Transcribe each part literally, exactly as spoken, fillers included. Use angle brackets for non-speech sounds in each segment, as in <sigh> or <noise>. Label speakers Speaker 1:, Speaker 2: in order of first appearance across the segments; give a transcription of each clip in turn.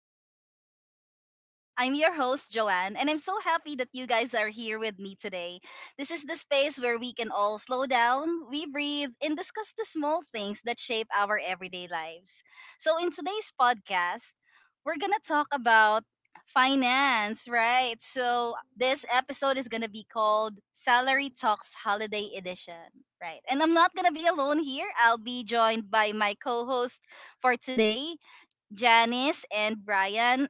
Speaker 1: Moments with Joanne. I'm your host, Joanne, and I'm so happy that you guys are here with me today. This is the space where we can all slow down, we breathe, and discuss the small things that shape our everyday lives. So, in today's podcast, we're going to talk about finance, right? So, this episode is going to be called Salary Talks Holiday Edition, right? And I'm not going to be alone here. I'll be joined by my co host, for today, Janice and Brian.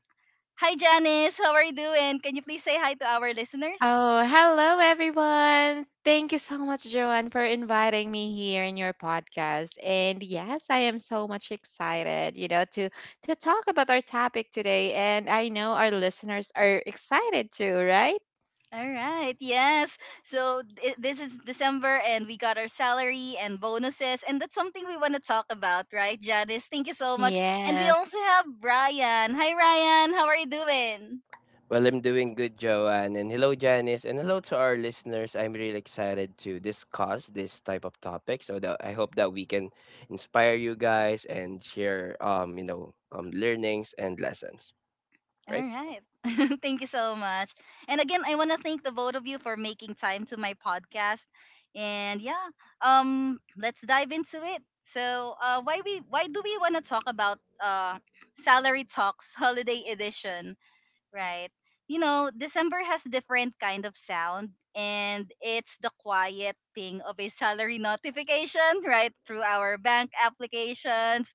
Speaker 1: Hi, Janice. How are you doing? Can you please say hi to our listeners?
Speaker 2: Oh, hello everyone. Thank you so much, Joanne, for inviting me here in your podcast. And yes, I am so much excited, you know, to to talk about our topic today. And I know our listeners are excited too, right?
Speaker 1: All right. Yes. So th- this is December, and we got our salary and bonuses, and that's something we want to talk about, right, Janice? Thank you so much. And we
Speaker 2: Yes.
Speaker 1: also have Brian. Hi, Ryan. How are you doing?
Speaker 3: Well, I'm doing good, Joanne. And hello, Janice. And hello to our listeners. I'm really excited to discuss this type of topic. So that I hope that we can inspire you guys and share, um, you know, um, learnings and lessons,
Speaker 1: All
Speaker 3: right?
Speaker 1: right. <laughs> Thank you so much. And again, I want to thank the both of you for making time to my podcast. And yeah, um, let's dive into it. So, uh, why we why do we want to talk about uh, salary talks holiday edition, right? You know, December has different kind of sound, and it's the quiet ping of a salary <laughs> notification, right, through our bank applications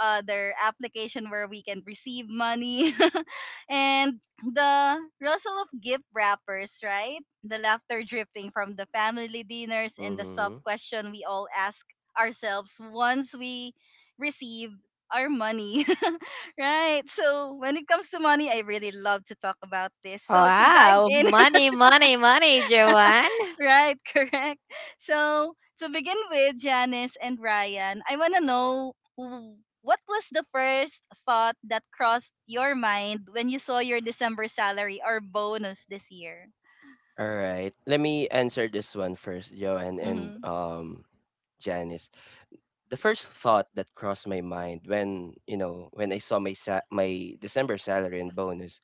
Speaker 1: uh, their application where we can receive money. <laughs> And the rustle of gift wrappers, right? The laughter drifting from the family dinners, and the soft
Speaker 3: Mm-hmm.
Speaker 1: question we all ask ourselves once we receive our money. <laughs> Right. So when it comes to money, I really love to talk about this. So to dive
Speaker 2: Wow,
Speaker 1: in.
Speaker 2: money, money, money, Joanne.
Speaker 1: Right, <laughs> correct. So, to begin with, Janice and Ryan, I want to know w- what was the first thought that crossed your mind when you saw your December salary or bonus this year?
Speaker 3: All right. Let me answer this one first, Joanne, and
Speaker 1: Mhm.
Speaker 3: um, Janice. The first thought that crossed my mind when, you know, when I saw my sa- my December salary and bonus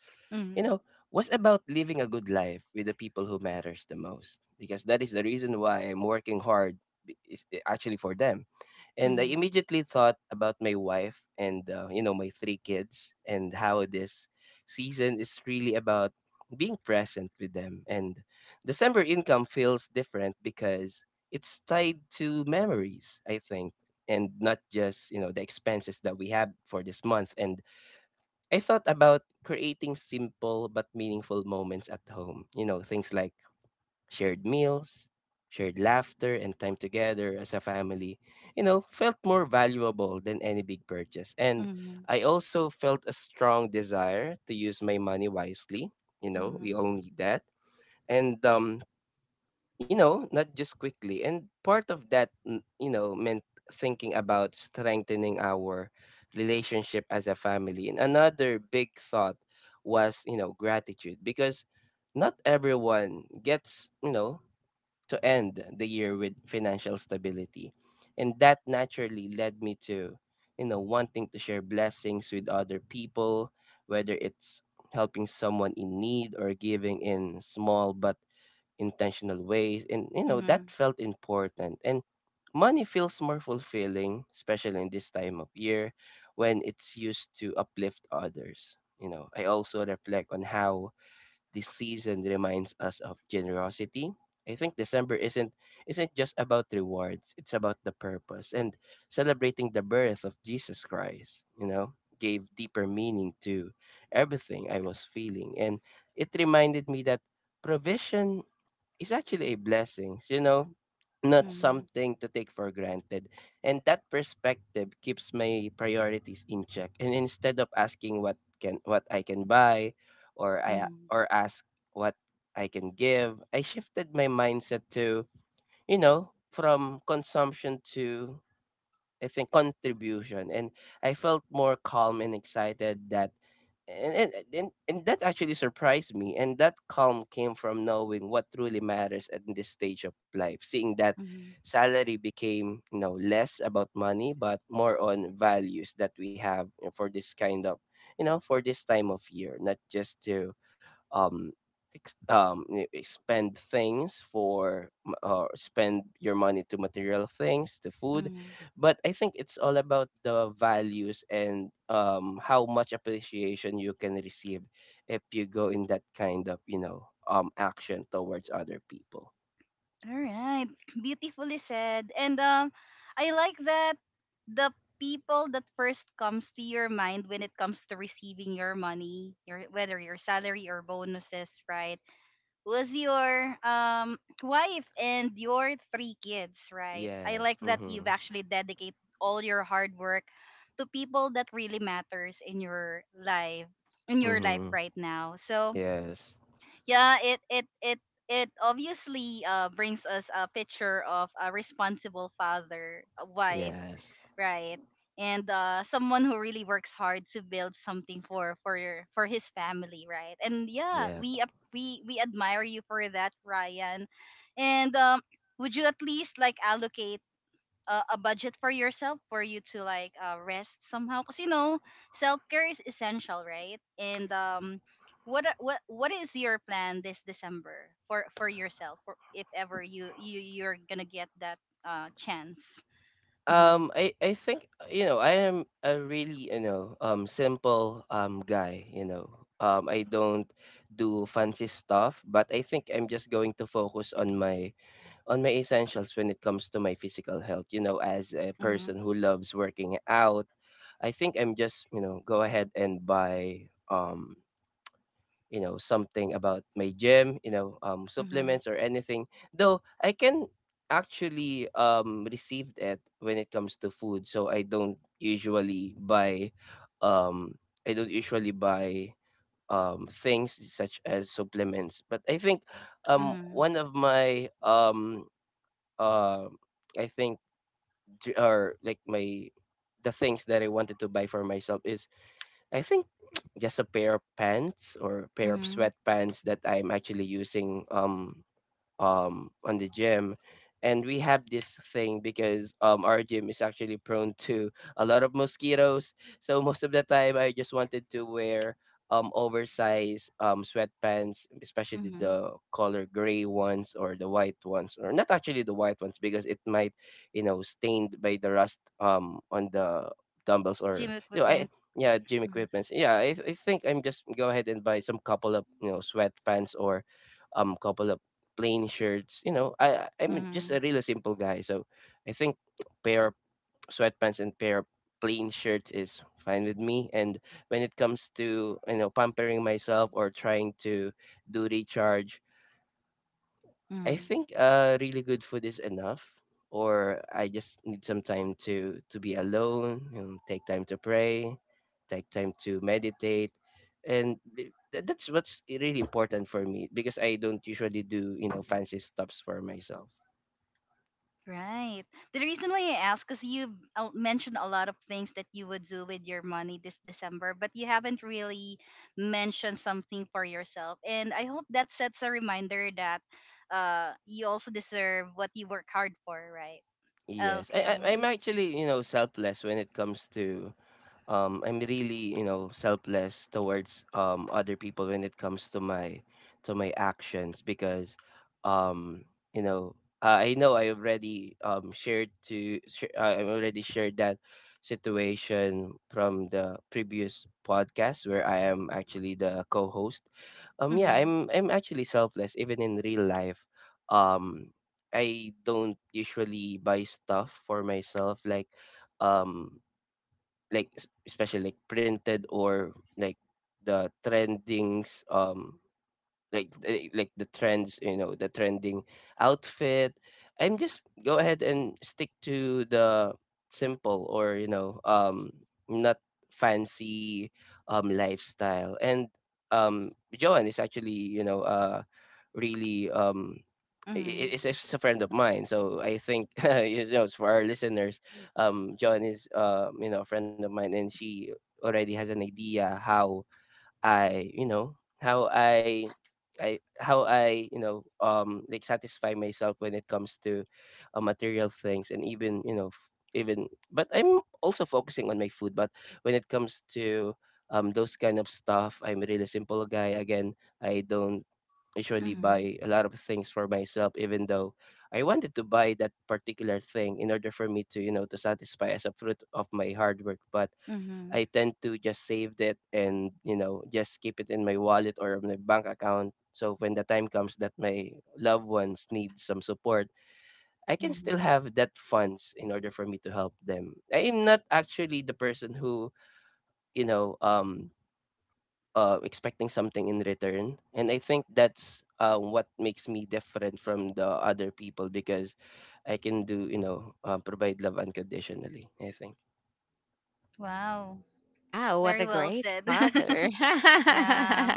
Speaker 3: you
Speaker 1: Mhm.
Speaker 3: know, was about living a good life with the people who matters the most, because that is the reason why I'm working hard b- is actually for them. And I
Speaker 1: Mhm.
Speaker 3: immediately thought about my wife and uh, you know, my three kids, and how this season is really about being present with them. And December income feels different because it's tied to memories, I think, and not just, you know, the expenses that we have for this month. And I thought about creating simple but meaningful moments at home. You know, things like shared meals, shared laughter, and time together as a family, you know, felt more valuable than any big purchase. And
Speaker 1: Mhm.
Speaker 3: I also felt a strong desire to use my money wisely. You know, we all need that. And um, you know, not just quickly. And part of that, mm, you know, meant thinking about strengthening our relationship as a family. And another big thought was, you know, gratitude, because not everyone gets, you know, to end the year with financial stability. And that naturally led me to, you know, wanting to share blessings with other people, whether it's helping someone in need or giving in small but intentional ways. And you know, that
Speaker 1: Mhm.
Speaker 3: felt important, and money feels more fulfilling, especially in this time of year, when it's used to uplift others. You know, I also reflect on how this season reminds us of generosity. I think December isn't isn't just about rewards. It's about the purpose, and celebrating the birth of Jesus Christ, you know, gave deeper meaning to everything I was feeling. And it reminded me that provision is actually a blessing, you know, not
Speaker 1: Mhm.
Speaker 3: something to take for granted. And that perspective keeps my priorities in check. And instead of asking what can what I can buy, or I
Speaker 1: Mhm.
Speaker 3: or ask what I can give, I shifted my mindset to, you know, from consumption to, I think, contribution. And I felt more calm and excited. That and and, and and that actually surprised me, and that calm came from knowing what truly matters at this stage of life, seeing that
Speaker 1: Mhm. Mhm.
Speaker 3: salary became, you know, less about money but more on values that we have for this kind of, you know, for this time of year. Not just to um ex- um y- y- spend things for m- or spend your money to material things, to food,
Speaker 1: Mhm.
Speaker 3: but I think it's all about the values and um how much appreciation you can receive if you go in that kind of, you know, um action towards other people.
Speaker 1: All right. <clears throat> Beautifully said. And um I like that the people that first comes to your mind when it comes to receiving your money, your whether your salary or bonuses, right? Was your um wife and your three kids, right? I
Speaker 3: Yes.
Speaker 1: like that
Speaker 3: Mm-hmm.
Speaker 1: you've actually dedicated all your hard work to people that really matters in your life in your life
Speaker 3: Mm-hmm.
Speaker 1: right now. So
Speaker 3: Yes.
Speaker 1: yeah, it it it it obviously uh, brings us a picture of a responsible father, a wife,
Speaker 3: Yes.
Speaker 1: right? And uh, someone who really works hard to build something for for your- for his family, right? And yeah,
Speaker 3: Yeah.
Speaker 1: we ap- we we admire you for that, Ryan. And um would you at least like allocate a, a budget for yourself for you to like uh, rest somehow? Because you know self-care is essential, right? And um what are- what what is your plan this December for for yourself, for if ever you you you're gonna get that uh chance? Mm-hmm.
Speaker 3: Um. I I think, you know, I am a really, you know, um simple um guy. You know. Um. I don't do fancy stuff, but I think I'm just going to focus on my, on my essentials when it comes to my physical health. You know, as a
Speaker 1: Mm-hmm.
Speaker 3: person who loves working out, i think i'm just, you know, go ahead and buy um you know, something about my gym, you know, um
Speaker 1: Mm-hmm.
Speaker 3: supplements or anything though I can actually um receive it when it comes to food. So I don't usually buy um i don't usually buy um things such as supplements, but I think um
Speaker 1: Mm-hmm.
Speaker 3: one of my um um I think, j- or like my the things that I wanted to buy for myself is, I think, <tsk> just a pair of pants or a pair of
Speaker 1: Mm-hmm.
Speaker 3: sweatpants that I'm actually using um um on the gym. And we have this thing because um our gym is actually prone to a lot of mosquitoes, so most of the time I just wanted to wear um oversized um sweatpants, especially
Speaker 1: Mm-hmm.
Speaker 3: the color gray ones, or the white ones. Or not actually the white ones, because it might, you know, stained by the rust um on the dumbbells,
Speaker 1: Gym
Speaker 3: or you know, I
Speaker 1: equipment.
Speaker 3: yeah, gym
Speaker 1: Mm-hmm.
Speaker 3: equipments. Yeah, i, I think I'm just go ahead and buy some couple of, you know, sweatpants or um couple of plain shirts. You know, I I- am
Speaker 1: Mm-hmm.
Speaker 3: just a really simple guy, so I think pair of sweatpants and pair of plain shirts is fine with me. And when it comes to, you know, pampering myself or trying to do recharge, I
Speaker 1: Mm-hmm.
Speaker 3: think uh really good food is enough, or I just need some time to to be alone and take time to pray, take time to meditate. And th- th- that's what's really important for me, because I don't usually do, you know, fancy stuffs for myself.
Speaker 1: Right. The reason why I ask is you mentioned a lot of things that you would do with your money this December, but you haven't really mentioned something for yourself. And I hope that sets a reminder that uh, you also deserve what you work hard for, right?
Speaker 3: Yes, I, I
Speaker 1: Okay.
Speaker 3: I'm actually, you know, selfless when it comes to, um I'm really, you know, selfless towards um other people when it comes to my, to my actions because um you know, I I know I already um shared to sh- I already shared that situation from the previous podcast where I am actually the co-host. Um yeah,
Speaker 1: Mm-hmm.
Speaker 3: i'm i'm actually selfless even in real life. um I don't usually buy stuff for myself, like um like es- especially like printed, or like the trendings, um like eh, like the trends, you know, the trending outfit. I'm just go ahead and stick to the simple, or you know, um not fancy um lifestyle. And um Joan is actually, you know, uh really um i-
Speaker 1: Mm-hmm.
Speaker 3: i- it's, it's a friend of mine, so I think <laughs> you know, it's for our listeners. Um joan is, uh you know, a friend of mine, and she already has an idea how I, you know, how I I how I, you know, um like satisfy myself when it comes to uh, material things, and even, you know, f- even but I'm also focusing on my food. But when it comes to um those kind of stuff, I'm a really simple guy. Again, I don't usually
Speaker 1: Mm-hmm.
Speaker 3: buy a lot of things for myself, even though I wanted to buy that particular thing in order for me to, you know, to satisfy as a fruit of my hard work. But
Speaker 1: Mm-hmm.
Speaker 3: I tend to just save it, and you know, just keep it in my wallet or my bank account. So when the time comes that my loved ones need some support, I can still
Speaker 1: Hmm.
Speaker 3: have that funds in order for me to help them. I am not actually the person who, you know, um uh, expecting something in return. And I think that's, uh, what makes me different from the other people, because I can do, you know, uh, provide love unconditionally, I think.
Speaker 1: Wow.
Speaker 2: Wow, what
Speaker 1: Very
Speaker 2: a
Speaker 1: well
Speaker 2: great
Speaker 1: said.
Speaker 2: father. <laughs>
Speaker 1: <laughs> Yeah.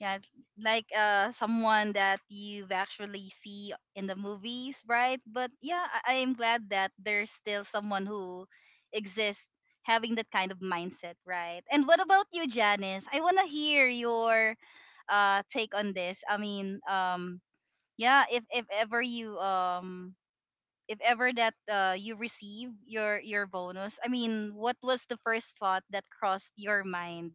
Speaker 1: Yeah, like uh someone that you've actually see in the movies, right? But yeah, I I am glad that there's still someone who exists having that kind of mindset, right? And what about you, Janice? I wanna hear your uh take on this. I mean, um yeah, if if ever you um if ever that uh you receive your your bonus, I mean, what was the first thought that crossed your mind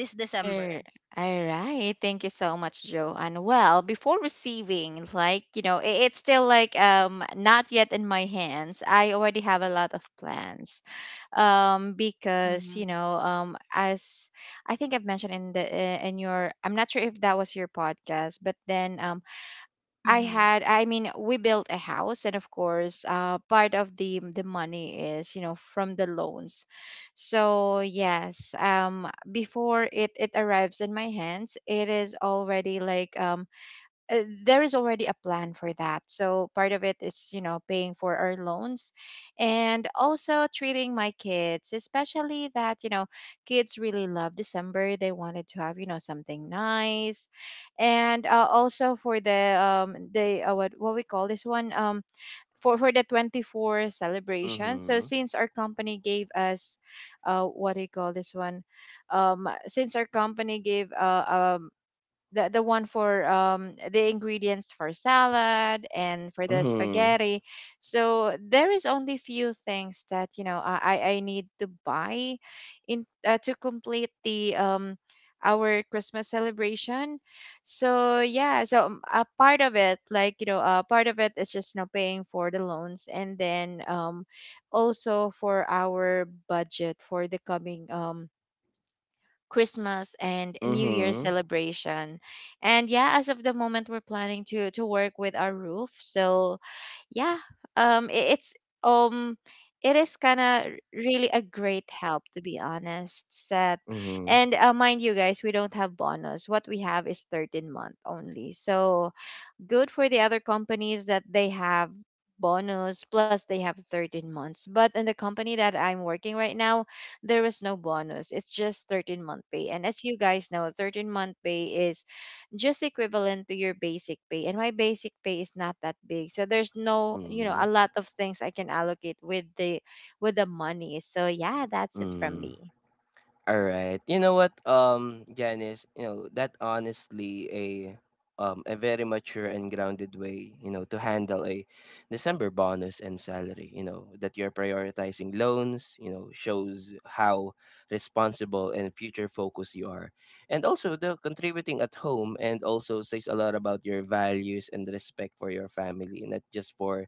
Speaker 1: this December?
Speaker 2: All right. Thank you so much, Joanne. Well, before receiving, like, you know, i- it's still like um not yet in my hands. I already have a lot of plans. Um because, you
Speaker 1: Mm-hmm.
Speaker 2: know, um as I think I've mentioned in the uh, in your... I'm not sure if that was your podcast, but then um I
Speaker 1: Mm-hmm.
Speaker 2: had I mean, we built a house, and of course uh part of the the money is, you know from the loans. So yes, um before it it arrives in my hands, it is already like um uh, there is already a plan for that. So part of it is, you know, paying for our loans, and also treating my kids, especially that, you know, kids really love December. They wanted to have, you know, something nice. And uh, also for the um the uh, what what we call this one, um for for the twenty four celebration. So
Speaker 3: Mm-hmm.
Speaker 2: since our company gave us, uh what do you call this one? Um since our company gave uh, um the the one for, um the ingredients for salad and for the
Speaker 3: Mm-hmm.
Speaker 2: spaghetti, so there is only few things that, you know i i I need to buy in, uh, to complete the um our Christmas celebration. So yeah, so, um, a part of it, like, you know a part of it is just, you know paying for the loans, and then um also for our budget for the coming, um Christmas and New Year
Speaker 3: Mm-hmm.
Speaker 2: celebration. And yeah, as of the moment, we're planning to to work with our roof. So yeah, um i- it's, um it is kind of really a great help, to be honest, Seth.
Speaker 3: Mm-hmm.
Speaker 2: And uh, mind you guys, we don't have bonus. What we have is thirteen month only. So good for the other companies that they have bonus plus they have thirteen months, but in the company that I'm working right now, there is no bonus. It's just thirteen month pay, and as you guys know, thirteen month pay is just equivalent to your basic pay, and my basic pay is not that big, so there's no, you know a
Speaker 3: Mm,
Speaker 2: lot of things I can allocate with the, with the money. So yeah, that's it from
Speaker 3: mm.
Speaker 2: me.
Speaker 3: Alright. You know what, um, Janice, you know, that honestly a um a very mature and grounded way, you know, to handle a December bonus and salary. You know, that you're prioritizing loans, you know, shows how responsible and future focused you are. And also the contributing at home, and also says a lot about your values and respect for your family, not just for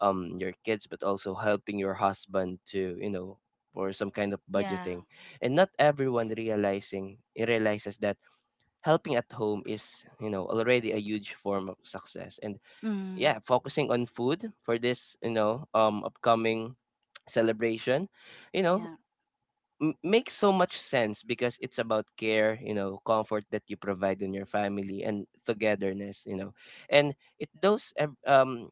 Speaker 3: um your kids but also helping your husband to, you know, for some kind of budgeting.
Speaker 1: Yeah.
Speaker 3: And not everyone realizing realizes that helping at home is, you know, already a huge form of success. And yeah,
Speaker 1: Mm,
Speaker 3: focusing on food for this, you know, um upcoming celebration, you know,
Speaker 1: yeah.
Speaker 3: m- makes so much sense, because it's about care, you know, comfort that you provide in your family, and togetherness, you know. And it, those ev- um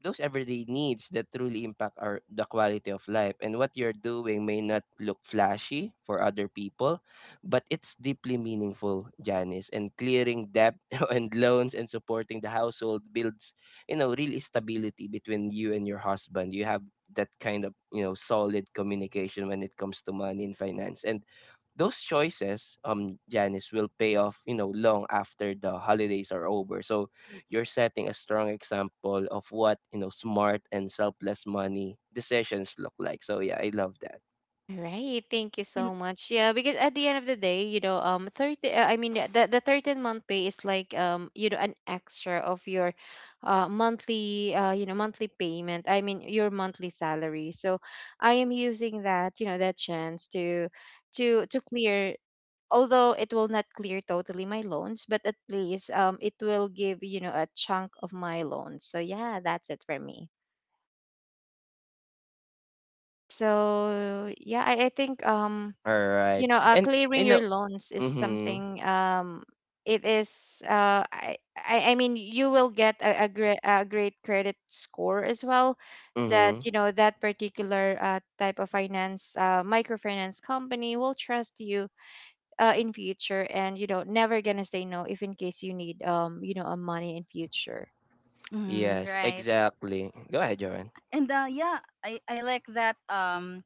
Speaker 3: those everyday needs that truly impact our the quality of life. And what you're doing may not look flashy for other people, but it's deeply meaningful, Janice. And clearing debt <laughs> and loans and supporting the household builds, you know, real stability between you and your husband. You have that kind of, you know, solid communication when it comes to money and finance. And those choices, um, Janice, will pay off, you know, long after the holidays are over. So you're setting a strong example of what, you know, smart and selfless money decisions look like. So yeah, I love that.
Speaker 2: All right, thank you
Speaker 1: You,
Speaker 2: so much. Yeah, because at the end of the day, you know, um, thirty. uh, I mean, the the thirteen month pay is like, um, you know, an extra of your, uh, monthly uh, you know, monthly payment. I mean, your monthly salary. So, I am using that, you know, that chance to, to to clear. Although it will not clear totally my loans, but at least, um, it will give, you know a chunk of my loans. So yeah, that's it for me. So yeah, I, I think, um
Speaker 3: All
Speaker 2: you
Speaker 3: right.
Speaker 2: know uh,
Speaker 3: And
Speaker 2: clearing
Speaker 3: you
Speaker 2: your
Speaker 3: know,
Speaker 2: loans is
Speaker 3: mhm.
Speaker 2: something, um it is, uh i i I mean, you will get a, a great a great credit score as well, that,
Speaker 3: Mhm.
Speaker 2: you know that particular, uh, type of finance, uh, microfinance company will trust you, uh, in future, and you know never gonna say no, if in case you need, um you know a money in future.
Speaker 1: mm,
Speaker 3: Yes,
Speaker 1: right.
Speaker 3: exactly. Go ahead, Joanne.
Speaker 1: And uh, yeah, I, I like that um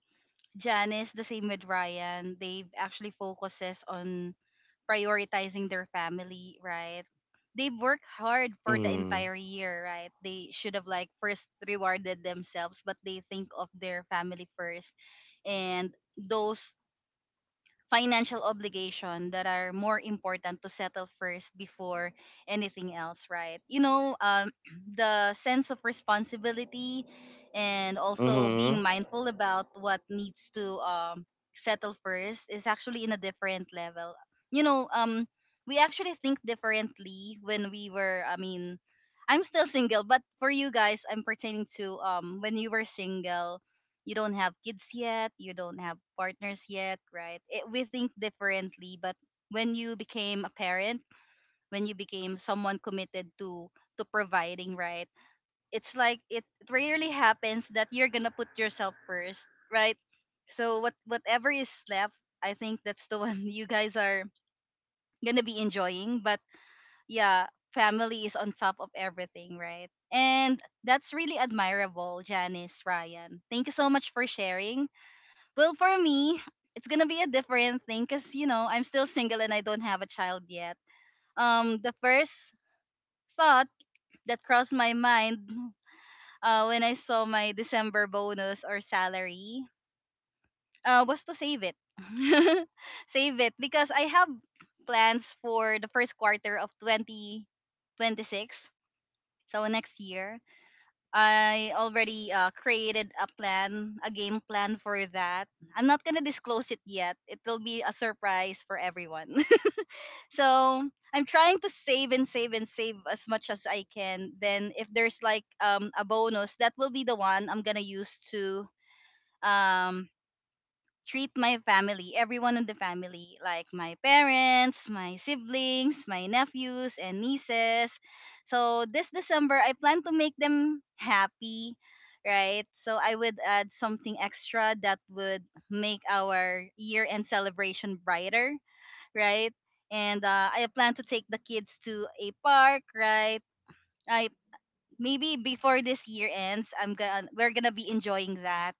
Speaker 1: Janice, the same with Ryan, they actually focuses on prioritizing their family, right? They've worked hard for the
Speaker 3: Mhm.
Speaker 1: entire year, right? They should have like first rewarded themselves, but they think of their family first. And those financial obligation that are more important to settle first before anything else, right? You know, um, <clears throat> the sense of responsibility and also being
Speaker 3: Mhm.
Speaker 1: mindful about what needs to um, settle first is actually in a different level. You know, um we actually think differently when we were, I mean, I'm still single, but for you guys I'm pertaining to um when you were single, you don't have kids yet, you don't have partners yet, right? It, we think differently, but when you became a parent, when you became someone committed to to providing, right? It's like it rarely happens that you're gonna put yourself first, right? So what whatever is left, I think that's the <laughs> one you guys are gonna be enjoying. But yeah, family is on top of everything, right? And that's really admirable, Janice, Ryan. Thank you so much for sharing. Well, for me, it's gonna be a different thing because you know I'm still single and I don't have a child yet. Um, the first thought that crossed my mind uh, when I saw my December bonus or salary uh, was to save it, <laughs> save it because I have plans for the first quarter of twenty twenty-six, so next year. I already uh, created a plan, a game plan for that. I'm not gonna disclose it yet. It will be a surprise for everyone. <laughs> So I'm trying to save and save and save as much as I can. Then if there's like um a bonus, that will be the one I'm gonna use to um treat my family, everyone in the family, like my parents, my siblings, my nephews and nieces. So this December, I plan to make them happy, right? So I would add something extra that would make our year end celebration brighter, right? And uh, I plan to take the kids to a park, right? I maybe before this year ends, I'm gonna we're gonna be enjoying that,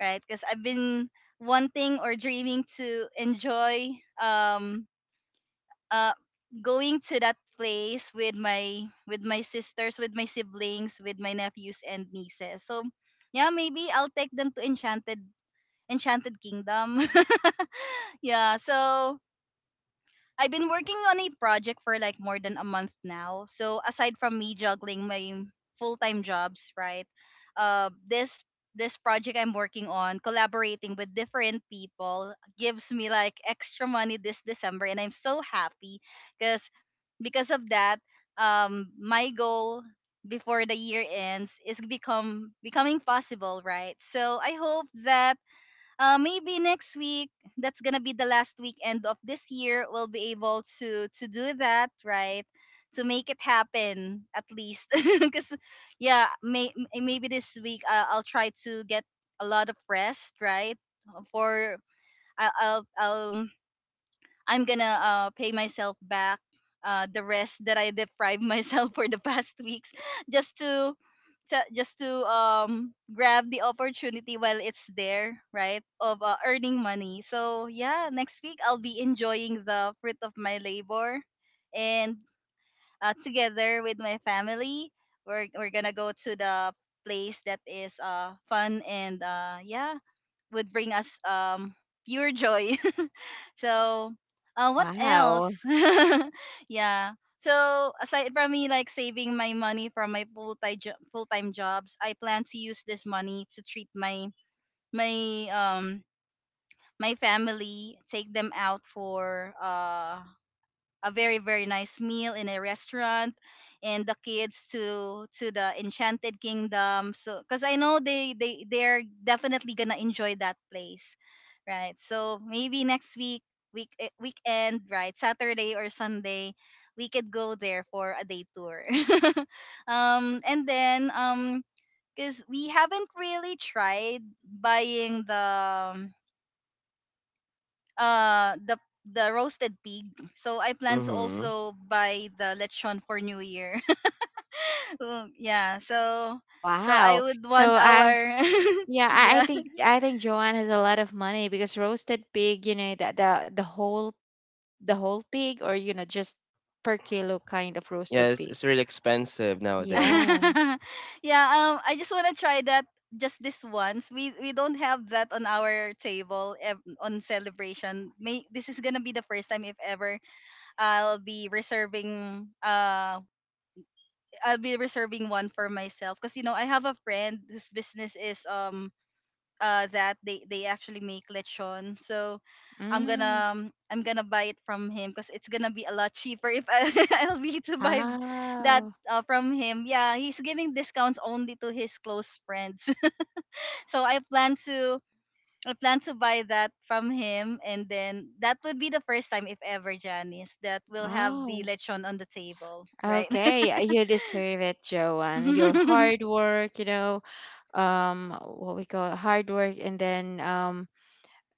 Speaker 1: right? Because I've been wanting or dreaming to enjoy um uh going to that place with my with my sisters, with my siblings, with my nephews and nieces. So yeah, maybe I'll take them to Enchanted Enchanted Kingdom. <laughs> Yeah, so I've been working on a project for like more than a month now. So aside from me juggling my full-time jobs, right? Uh, this this project I'm working on, collaborating with different people, gives me like extra money this December, and I'm so happy because because of that, um, my goal before the year ends is become becoming possible, right? So I hope that uh, maybe next week, that's gonna be the last weekend of this year, we'll be able to to do that, right? To make it happen at least. <laughs> Because yeah may, m- maybe this week uh, I'll try to get a lot of rest, right? Uh, for I, I'll I'll I'm gonna uh, pay myself back uh, the rest that I deprived myself <laughs> for the past weeks, just to, to just to um grab the opportunity while it's there, right? Of uh, earning money. So yeah, next week I'll be enjoying the fruit of my labor, and uh, together with my family, we're we're gonna go to the place that is uh fun and uh yeah would bring us um pure joy. So, uh, what
Speaker 2: Wow,
Speaker 1: else? <laughs> Yeah. So aside from me like saving my money from my full time jo- full time jobs, I plan to use this money to treat my my um my family, take them out for uh a very very nice meal in a restaurant and the kids to to the Enchanted Kingdom, so because I know they they they're definitely gonna enjoy that place, right? So maybe next week, week eh, weekend, right, Saturday or Sunday we could go there for a day tour. <laughs> Um and then um because we haven't really tried buying the um, uh the the roasted pig. So I plan to
Speaker 3: Mhm.
Speaker 1: also buy the lechon for New Year. <laughs> Um, yeah, so so I
Speaker 2: wow.
Speaker 1: would
Speaker 2: So
Speaker 1: want
Speaker 2: I
Speaker 1: our
Speaker 2: yeah,
Speaker 1: <laughs>
Speaker 2: I, I
Speaker 1: yeah.
Speaker 2: think I think Joanne has a lot of money because roasted pig, you know, that the the whole the whole pig or, you know just per kilo kind of
Speaker 3: Yeah,
Speaker 2: roasted
Speaker 3: it's,
Speaker 2: pig?
Speaker 3: it's really expensive nowadays.
Speaker 2: Yeah.
Speaker 1: <laughs> Yeah, um I just want to try that just this once. We we don't have that on our table ev- on celebration. May this is going to be the first time if ever I'll be reserving uh I'll be reserving one for myself because you know I have a friend whose business is um uh that they they actually make lechon. So I'm
Speaker 2: Mm.
Speaker 1: gonna um, I'm gonna buy it from him because it's gonna be a lot cheaper if I, <laughs> I'll be to buy that
Speaker 2: Oh.
Speaker 1: uh, from him. Yeah, he's giving discounts only to his close friends. <laughs> So I plan to I plan to buy that from him, and then that would be the first time, if ever, Janice, that we'll have the
Speaker 2: Oh.
Speaker 1: lechon on the table, right?
Speaker 2: Okay. uh, You deserve it, Joanne. Your
Speaker 1: <laughs>
Speaker 2: hard work, you know, um, what we call hard work. And then, um,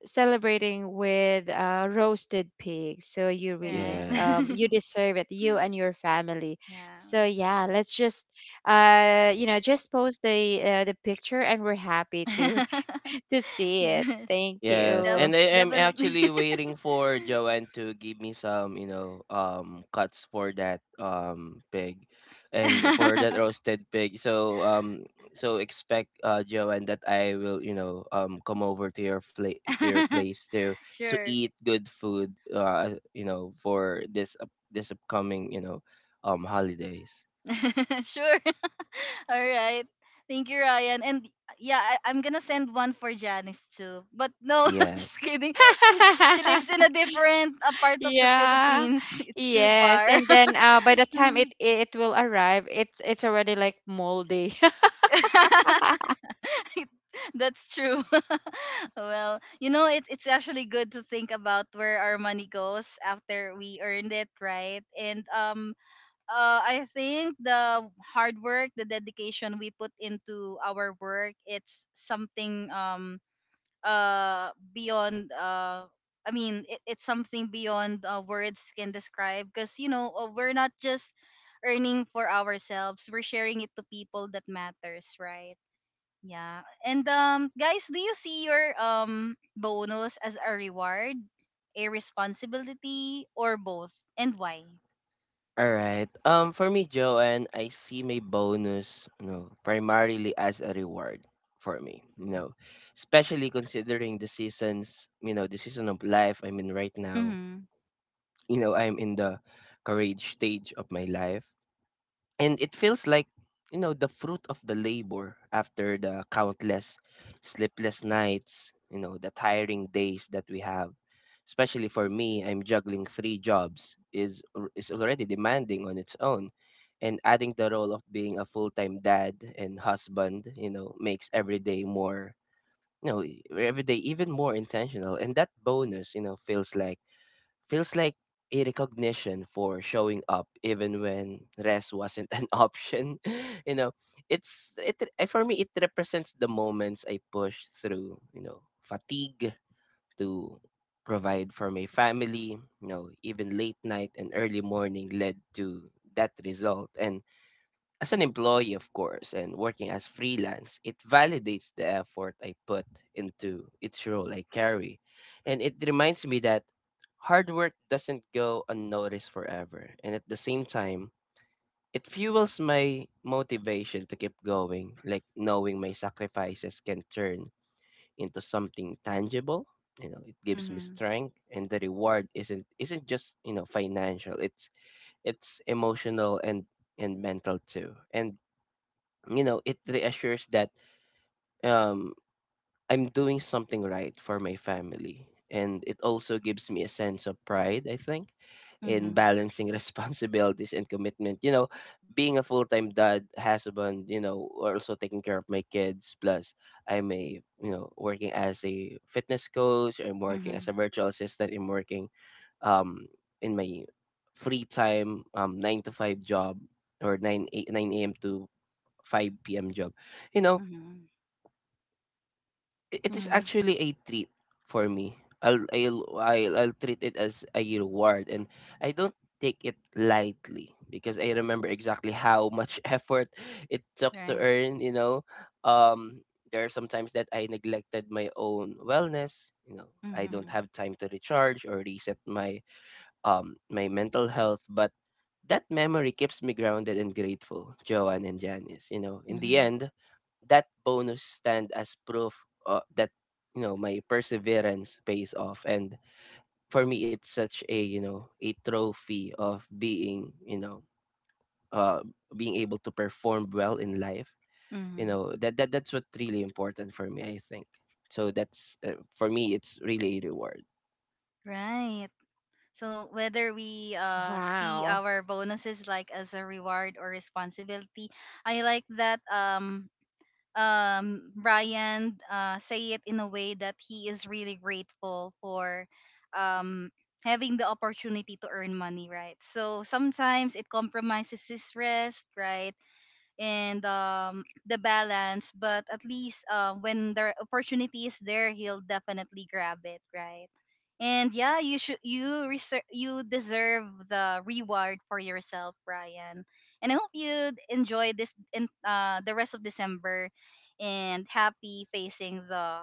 Speaker 2: celebrating with, uh, roasted pig. So you really,
Speaker 1: Right.
Speaker 2: um,
Speaker 3: Yes.
Speaker 2: you deserve it. You and your family.
Speaker 1: <laughs> Yeah.
Speaker 2: So yeah, let's just, uh, you know, just post the uh, the picture, and we're happy to
Speaker 1: <laughs>
Speaker 2: To see it.
Speaker 1: Yes.
Speaker 2: Thank
Speaker 3: Yes,
Speaker 1: Def-
Speaker 2: you.
Speaker 3: and I am
Speaker 1: Definitely.
Speaker 3: actually waiting for
Speaker 1: <laughs>
Speaker 3: Joanne to give me some, you know, um cuts for that um pig and for that
Speaker 1: <laughs>
Speaker 3: roasted pig. So um so expect, uh Joanne, that I will, you know, um come over to your fla- to your place to to
Speaker 1: sure.
Speaker 3: eat good food, uh you know, for this up this upcoming, you know, um holidays.
Speaker 1: <laughs> sure. <laughs> All right. Thank you, Ryan. And yeah, I, I'm gonna send one for Janice too. But no, <laughs> just
Speaker 3: Yes.
Speaker 1: kidding. She's she lives in
Speaker 2: <laughs>
Speaker 1: a different uh, part of the
Speaker 2: Yeah.
Speaker 1: Philippines. <laughs> It's too
Speaker 2: Yes.
Speaker 1: far.
Speaker 2: And
Speaker 1: <laughs>
Speaker 2: then, uh, by the time it it will arrive, it's it's already like moldy. <laughs>
Speaker 1: <laughs> That's true. <laughs> Well, you know, it, it's actually good to think about where our money goes after we earned it, right? And um, uh, I think the hard work, the dedication we put into our work, it's something um uh beyond uh I mean it, it's something beyond uh, words can describe because you know uh, we're not just earning for ourselves, we're sharing it to people that matters, right? Yeah. And um guys, do you see your um bonus as a reward, a responsibility or both and why?
Speaker 3: All right. Um, for me, Joanne, I see my bonus, you know, primarily as a reward for me. You know, especially considering the seasons, you know, the season of life I'm in right now.
Speaker 1: Mhm.
Speaker 3: You know, I'm in the courage stage of my life and it feels like you know the fruit of the labor after the countless sleepless nights, you know, the tiring days that we have, especially for me. I'm juggling three jobs. Is al- is already demanding on its own, and adding the role of being a full-time dad and husband, you know, makes every day more, you know, e- every day even more intentional. And that bonus, you know, feels like. Feels like a recognition for showing up even when rest wasn't an <laughs> option. <laughs> You know, it's it eh, for me it represents the moments I push through, you know, fatigue to provide for my family, you know, even late night and early morning led to that result. And as an employee, of course, and working as freelance, it validates the effort I put into each role I carry. And it reminds me that hard work doesn't go unnoticed forever. And at the same time, it fuels my motivation to keep going, like knowing my sacrifices can turn into something tangible. You know, it gives me
Speaker 1: Mhm.
Speaker 3: strength, and the reward isn't isn't just, you know, financial. It's it's emotional and and mental too. And you know it reassures that um I'm doing something right for my family, and it also gives me a sense of pride, I think, in
Speaker 1: Mhm.
Speaker 3: balancing <laughs> responsibilities and commitment, you know, being a full-time dad, husband, you know, also taking care of my kids, plus I'm a, you know, working as a fitness coach, I'm working as
Speaker 1: Mhm,
Speaker 3: a virtual assistant, I'm working um in my free time, um nine to five job or nine eight nine a.m to 5 p.m job, you know.
Speaker 1: mhm,
Speaker 3: I it is
Speaker 1: mhm,
Speaker 3: actually a treat for me. I'll I'll I'll, I'll treat it as a reward, and I don't take it lightly because I remember exactly how much <laughs> effort it took to
Speaker 1: right.
Speaker 3: earn. You know, um, there are sometimes that I neglected my own wellness. You know, I don't
Speaker 1: Mhm,
Speaker 3: have time to recharge or reset my um my mental health, but. That memory keeps me grounded and grateful, Joanne and Janice. You know, in the
Speaker 1: mhm,
Speaker 3: end, that bonus stand as proof uh, that you know my perseverance pays off, and for me it's such a, you know, a trophy of being, you know, uh being able to perform well in life, you
Speaker 1: mhm,
Speaker 3: know. That, that that's what really important for me, I think. So that's, uh, for me it's really a reward.
Speaker 1: right. So whether we uh see
Speaker 2: Wow.
Speaker 1: our bonuses like as a reward or responsibility, I like that um um Brian uh say it in a way that he is really grateful for um having the opportunity to earn money, right? So sometimes it compromises his rest, right? And um the balance, but at least um when the opportunity is there, he'll definitely grab it, right? And yeah, you should you reser- you deserve the reward for yourself, Brian, and I hope you enjoy this in uh the rest of December, and happy facing the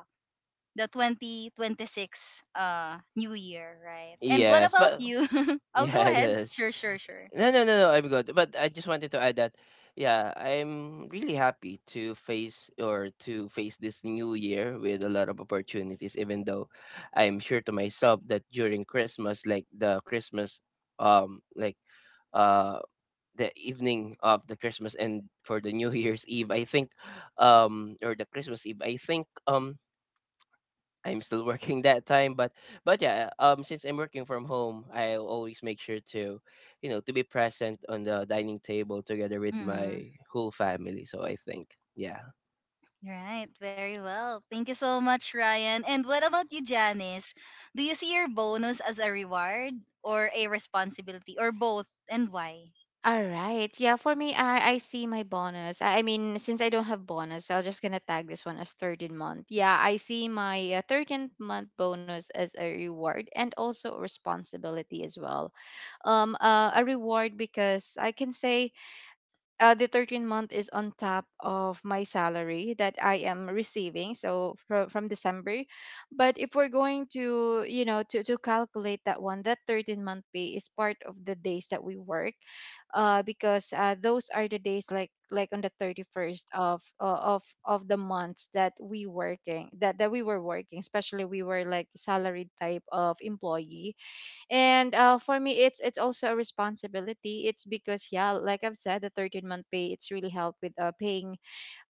Speaker 1: the twenty twenty-six uh new year, right? And what
Speaker 3: Yes,
Speaker 1: about
Speaker 3: but.
Speaker 1: you? <laughs> Oh,
Speaker 3: Yeah,
Speaker 1: go
Speaker 3: <laughs> I
Speaker 1: ahead.
Speaker 3: guess.
Speaker 1: Sure, sure, sure.
Speaker 3: No, no, no, no. I'm good. But I just wanted to add that, yeah, I'm really happy to face or to face this new year with a lot of opportunities. Even though I'm sure to myself that during Christmas, like the Christmas, um, like uh, the evening of the Christmas and for the New <laughs> Year's Eve, I think, um, or the Christmas Eve, I think, um, I'm still working <laughs> that time, but but yeah, um, since I'm working from home, I always make sure to, you know, to be present on the dining table together with my
Speaker 1: Mm-hmm.
Speaker 3: whole family. So I think, yeah.
Speaker 1: Right, very well. Thank you so much, Ryan. And what about you, Janice? Do you see your bonus as a reward or a responsibility or both, and why?
Speaker 2: All right. Yeah, for me, I, I see my bonus. I, I mean, since I don't have bonus, I'll just gonna tag this one as thirteenth month. Yeah, I see my, uh, thirteenth month bonus as a reward and also a responsibility as well. Um, uh, a reward because I can say, uh, the thirteen month is on top of my salary that I am receiving, so from, from December. But if we're going to, you know to, to calculate that one, that thirteen month pay is part of the days that we work, uh, because, uh, those are the days, like like on the thirty first of, uh, of of the months that we working, that that we were working, especially we were like salaried type of employee. And, uh, for me, it's it's also a responsibility. It's because, yeah, like I've said, the thirteen month pay, it's really helped with, uh, paying,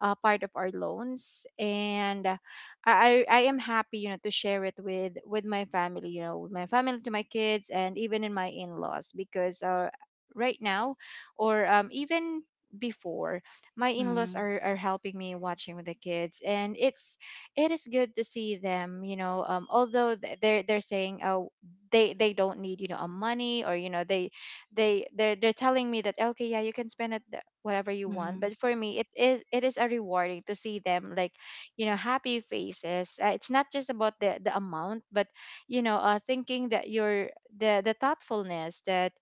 Speaker 2: uh, part of our loans, and, uh, I, I I am happy, you know to share it with with my family, you know with my family, to my kids, and even in my in-laws, because, uh, right now, or, um, even before, my in-laws
Speaker 1: Mm-hmm.
Speaker 2: are, are helping me watching with the kids. And it's it is good to see them, you know um, although, th- they're they're saying, oh, they they don't need, you know a money, or, you know they they they're they're telling me that, okay, yeah, you can spend it, th- whatever you want.
Speaker 1: Mm-hmm.
Speaker 2: But for me, it is it is a rewarding to see them, like, you know happy faces. Uh, it's not just about the the amount, but, you know uh thinking that, you're the the thoughtfulness that,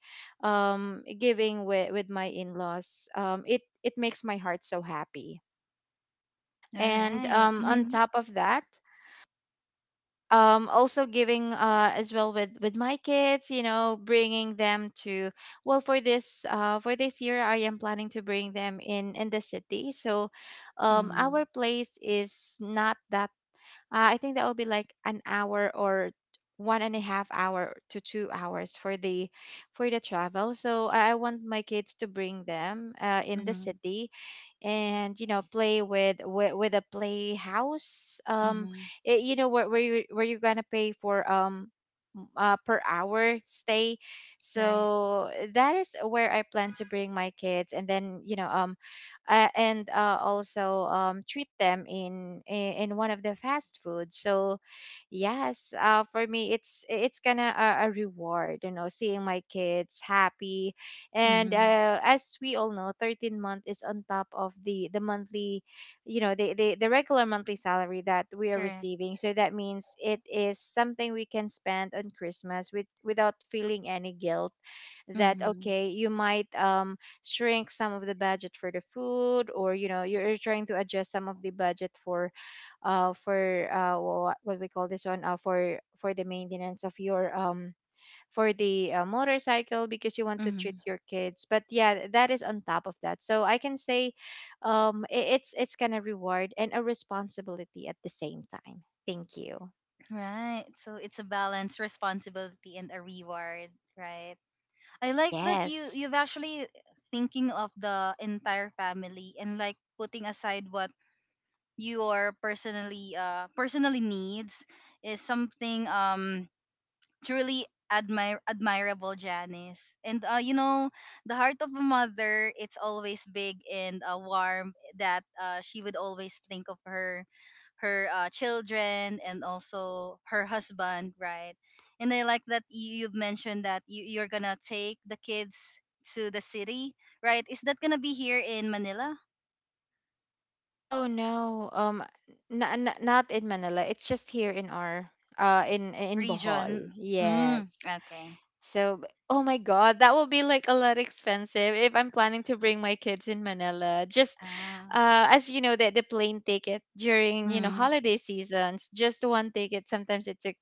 Speaker 2: um giving with with my in-laws, um it it makes my heart so happy.
Speaker 1: All
Speaker 2: And,
Speaker 1: right.
Speaker 2: um on
Speaker 1: Mm-hmm.
Speaker 2: top of that, um also giving, uh as well with with my kids, you know bringing them to, well, for this, uh for this year, I am planning to bring them in in the city. So, um
Speaker 1: Mm-hmm.
Speaker 2: our place is not that, uh, I think that will be like an hour or one and a half hour to two hours for the, for the travel. So i I want my kids, to bring them, uh, in the
Speaker 1: Mm-hmm.
Speaker 2: city, and, you know play with with, with a playhouse, um
Speaker 1: Mm-hmm.
Speaker 2: it, you know where, where you where you're gonna pay for, um m- uh, per hour stay.
Speaker 1: Right.
Speaker 2: So that is where I plan to bring my kids, and then, you know um uh, and uh, also, um treat them in in in one of the fast food. So yes, uh for me, it's it's kind of a, a reward, you know seeing my kids happy. And,
Speaker 1: Mm-hmm.
Speaker 2: uh, as we all know, thirteen month is on top of the the monthly, you know the, the the regular monthly salary that we are
Speaker 1: Correct.
Speaker 2: receiving. So that means it is something we can spend on Christmas with, without feeling any guilt. That
Speaker 1: Mm-hmm.
Speaker 2: okay, you might, um shrink some of the budget for the food, or, you know you're trying to adjust some of the budget for uh for uh wha- what we call this one, uh, for for the maintenance of your, um for the, uh, motorcycle, because you want to treat
Speaker 1: Mm-hmm.
Speaker 2: your kids. But yeah, that is on top of that, so I can say, um i- it's it's kind of reward and a responsibility at the same time. Thank you.
Speaker 1: Right. So it's a balance, responsibility, and a reward. Right. I like that you
Speaker 2: Yes.
Speaker 1: you've actually thinking of the entire family and like putting aside what your personally uh personally needs is something um truly admire admirable, Janice, and uh you know, the heart of a mother, it's always big and uh, warm, that uh she would always think of her her uh, children and also her husband, right? And I like that you, you've mentioned that you, you're gonna take the kids to the city, right? Is that gonna be here in Manila
Speaker 2: Oh no, um n- n- not in Manila. It's just here in our, uh in in Bohol.
Speaker 1: region? Mm,
Speaker 2: Yes.
Speaker 1: okay.
Speaker 2: So, b- oh my God, that will be like a lot expensive if I'm planning to bring my kids in Manila. Just,
Speaker 1: Ah,
Speaker 2: uh, as you know, that the plane ticket during, you know
Speaker 1: mm,
Speaker 2: holiday seasons, just one ticket sometimes it took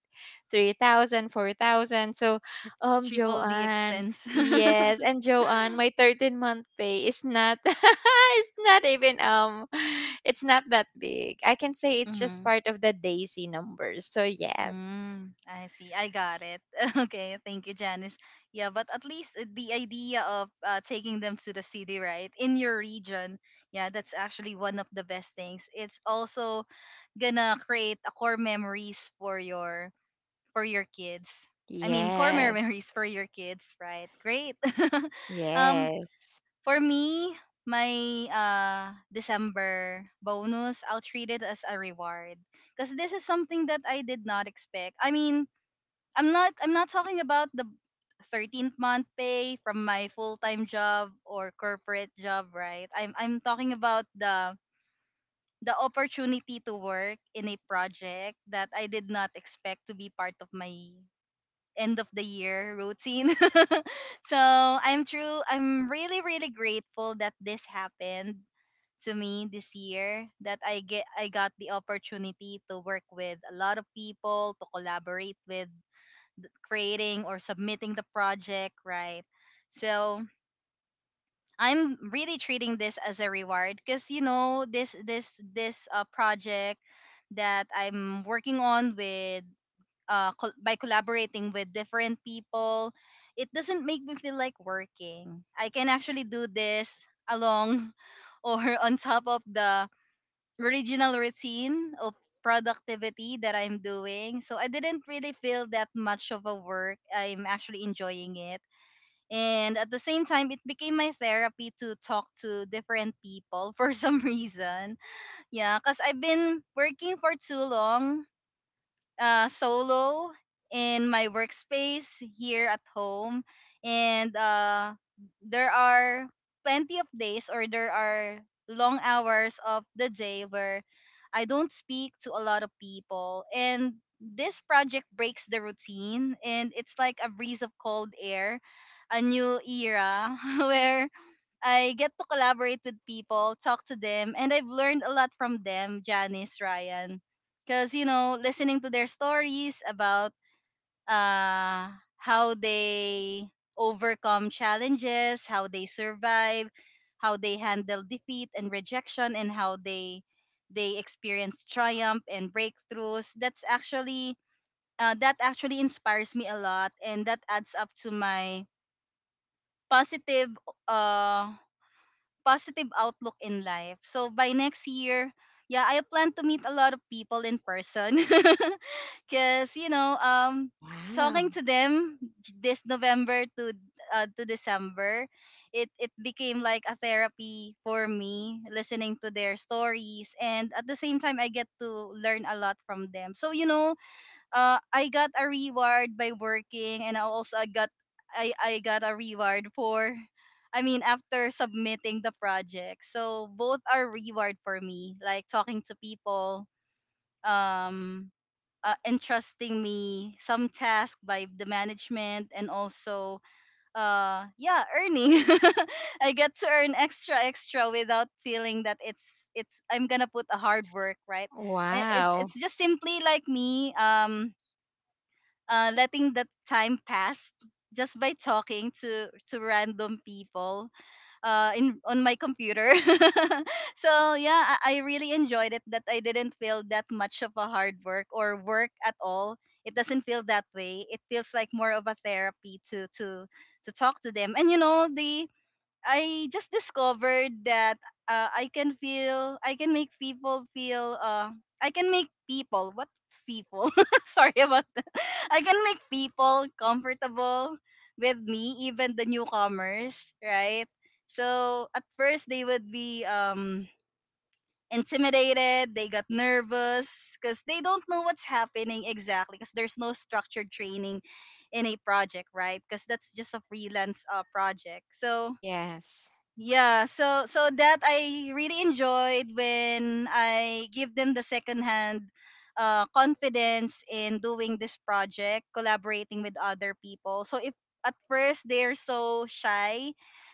Speaker 2: three thousand, four thousand. So,
Speaker 1: it's
Speaker 2: um,
Speaker 1: triple the
Speaker 2: Joanne,
Speaker 1: expense. <laughs>
Speaker 2: yes, and Joanne, my thirteen month pay is not <laughs> it's not even um <sighs> it's not that big. I can say it's just
Speaker 1: Mm-hmm.
Speaker 2: part of the Daisy numbers. So yes.
Speaker 1: Mm, I see. I got it. <laughs> Okay, thank you, Janice. Yeah, but at least uh, the idea of uh, taking them to the city, right, in your region, yeah, that's actually one of the best things. It's also gonna create a core memories for your for your kids. I mean, core <laughs>
Speaker 2: Yes,
Speaker 1: memories for your kids, right? Great. <laughs> um,
Speaker 2: yes.
Speaker 1: For me, my uh December bonus, I'll treat it as a reward because this is something that I did not expect. I mean, I'm not I'm not talking about the thirteenth month pay from my full-time job or corporate job, right? I'm I'm talking about the the opportunity to work in a project that I did not expect to be part of my end of the year routine. <laughs> So I'm true. I'm really really grateful that this happened to me this year, that I get I got the opportunity to work with a lot of people, to collaborate with th- creating or submitting the project, right? So I'm really treating this as a reward because you know this this this uh, project that I'm working on with uh, col- by collaborating with different people, it doesn't make me feel like working. I can actually do this along <laughs> or on top of the original routine of productivity that I'm doing. So I didn't really feel that much of a work. I'm actually enjoying it. And at the same time, it became my therapy to talk to different people <laughs> for some reason. Yeah, because I've been working for too long uh, solo in my workspace here at home, and uh, there are plenty of days, or there are long hours of the day where I don't speak to a lot of people, and this project breaks the routine, and it's like a breeze of cold air, a new era <laughs> where I get to collaborate with people, talk to them, and I've learned a lot from them, Janice, Ryan. Because, you know, listening to their stories about uh, how they overcome challenges, how they survive, how they handle defeat and rejection, and how they they experience triumph and breakthroughs. That's actually uh, that actually inspires me a lot, and that adds up to my positive uh positive outlook in life. So by next year, yeah, I plan to meet a lot of people in person <laughs> because you know, um,
Speaker 2: Wow.
Speaker 1: talking to them this November to uh, to December, it it became like a therapy for me, listening to their stories, and at the same time, I get to learn a lot from them. So you know, uh, I got a reward by working, and I also I got I I got a reward for, I mean, after submitting the project. So both are reward for me, like talking to people, um, uh, entrusting me some task by the management, and also, uh, yeah, earning. <laughs> I get to earn extra extra without feeling that it's it's I'm gonna put a hard work, right? It, it,
Speaker 2: Wow.
Speaker 1: it's just simply like me, um uh, letting the time pass just by talking to to random people uh, in on my computer. <laughs> So yeah, I, I really enjoyed it that I didn't feel that much of a hard work or work at all. It doesn't feel that way. It feels like more of a therapy to to to talk to them. And you know, the I just discovered that uh, I can feel, I can make people feel, uh, I can make people, what people? <laughs> Sorry about that. I can make people comfortable with me, even the newcomers, right? So at first they would be um, intimidated, they got nervous because they don't know what's happening exactly because there's no structured training in a project, right? Because that's just a freelance uh, project. So
Speaker 2: Yes.
Speaker 1: yeah, so so that I really enjoyed when I give them the secondhand uh, confidence in doing this project, collaborating with other people. So if at first they're so shy,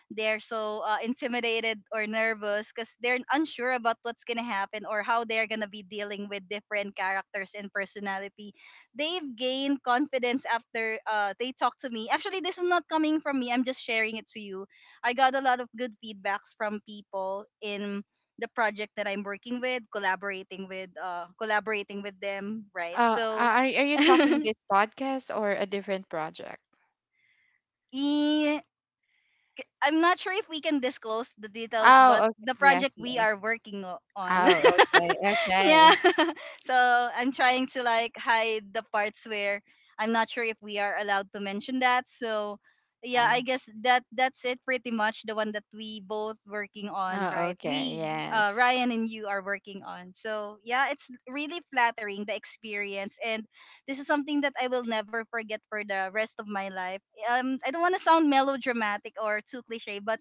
Speaker 1: they're so uh, intimidated or nervous because they're unsure about what's gonna happen or how they're gonna be dealing with different characters and personality. They've gained confidence after uh, they talk to me. Actually, this is not coming from me. I'm just sharing it to you. I got a lot of good feedbacks from people in the project that I'm working with, collaborating with, uh, collaborating with them, right?
Speaker 2: Uh,
Speaker 1: So,
Speaker 2: are are you talking
Speaker 1: <laughs>
Speaker 2: this podcast or a different project?
Speaker 1: i- I'm not sure if we can disclose the details, but
Speaker 2: Oh, okay.
Speaker 1: the
Speaker 2: Yeah.
Speaker 1: project we
Speaker 2: Sure.
Speaker 1: are working o- on.
Speaker 2: Oh, okay.
Speaker 1: <laughs> Yeah.
Speaker 2: Okay.
Speaker 1: <laughs> So I'm trying to like hide the parts where I'm not sure if we are allowed to mention that. So yeah,
Speaker 2: Yeah.
Speaker 1: I guess that that's it pretty much the one that we both working on,
Speaker 2: Oh,
Speaker 1: right?
Speaker 2: okay.
Speaker 1: We uh
Speaker 2: Yes.
Speaker 1: Ryan and you are working on. So yeah, it's really flattering the experience, and this is something that I will never forget for the rest of my life. Um I don't want to sound melodramatic or too cliché, but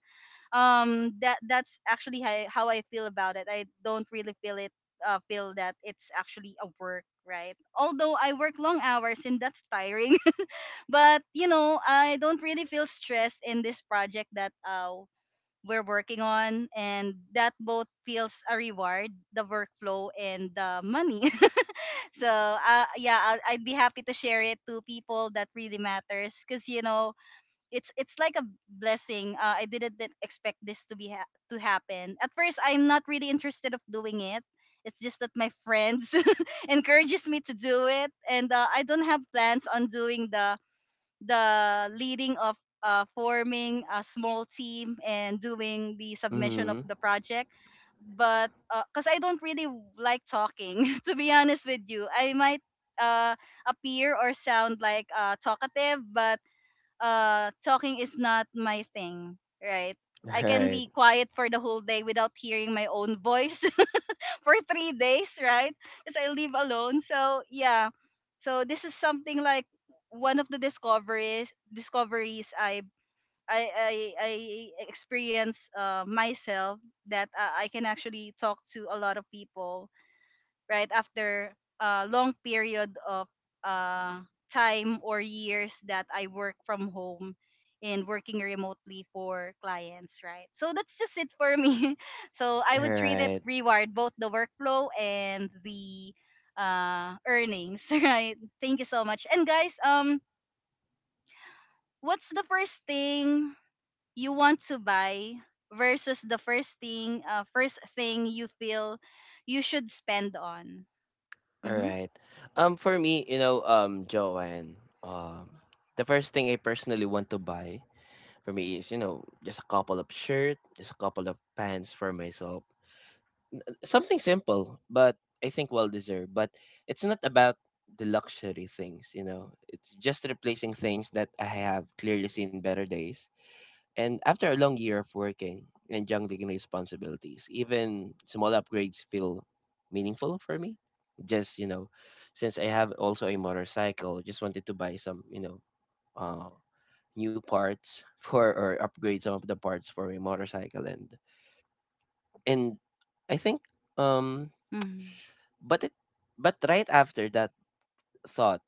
Speaker 1: um that that's actually how, how I feel about it. I don't really feel it uh, feel that it's actually a work, right? Although I work long hours and that's tiring, <laughs> but you know I don't really feel stressed in this project that uh we're working on, and that both feels a reward, the workflow and the money. <laughs> So uh, yeah, I'll, I'd be happy to share it to people that really matters because you know it's it's like a blessing. Uh, I didn't did expect this to be ha- to happen. At first, I'm not really interested of doing it. It's just that my friends <laughs> encourages me to do it, and uh, I don't have plans on doing the the leading of uh, forming a small team and doing the submission of
Speaker 3: Mm-hmm.
Speaker 1: the project. But because I don't really like talking, <laughs> to be honest with you, I might uh, appear or sound like uh, talkative, but uh talking is not my thing, right?
Speaker 3: All
Speaker 1: I can
Speaker 3: right,
Speaker 1: be quiet for the whole day without hearing my own voice <laughs> for three days, right? Because I live alone. So, yeah. So this is something like one of the discoveries discoveries I I I, I experience uh, myself that uh, I can actually talk to a lot of people right after a long period of uh, time or years that I work from home and working remotely for clients, right? So that's just it for me. <laughs> So I
Speaker 3: all
Speaker 1: would treat it
Speaker 3: right,
Speaker 1: reward both the workflow and the uh, earnings. <laughs> Right, thank you so much. And guys, um what's the first thing you want to buy versus the first thing uh, first thing you feel you should spend on?
Speaker 3: all
Speaker 1: Mm-hmm.
Speaker 3: right. Um, for me, you know, um, Joanne, um, the first thing I personally want to buy for me is, you know, just a couple of shirt, just a couple of pants for myself. Something simple, but I think well deserved. But it's not about the luxury things, you know. It's just replacing things that I have clearly seen better days. And after a long year of working and juggling responsibilities, even small upgrades feel meaningful for me. Just, you know, since I have also a motorcycle, just wanted to buy some, you know, uh new parts <laughs> for or upgrade some of the parts for my motorcycle, and and I think um
Speaker 1: Mm-hmm.
Speaker 3: but it. But right after that thought,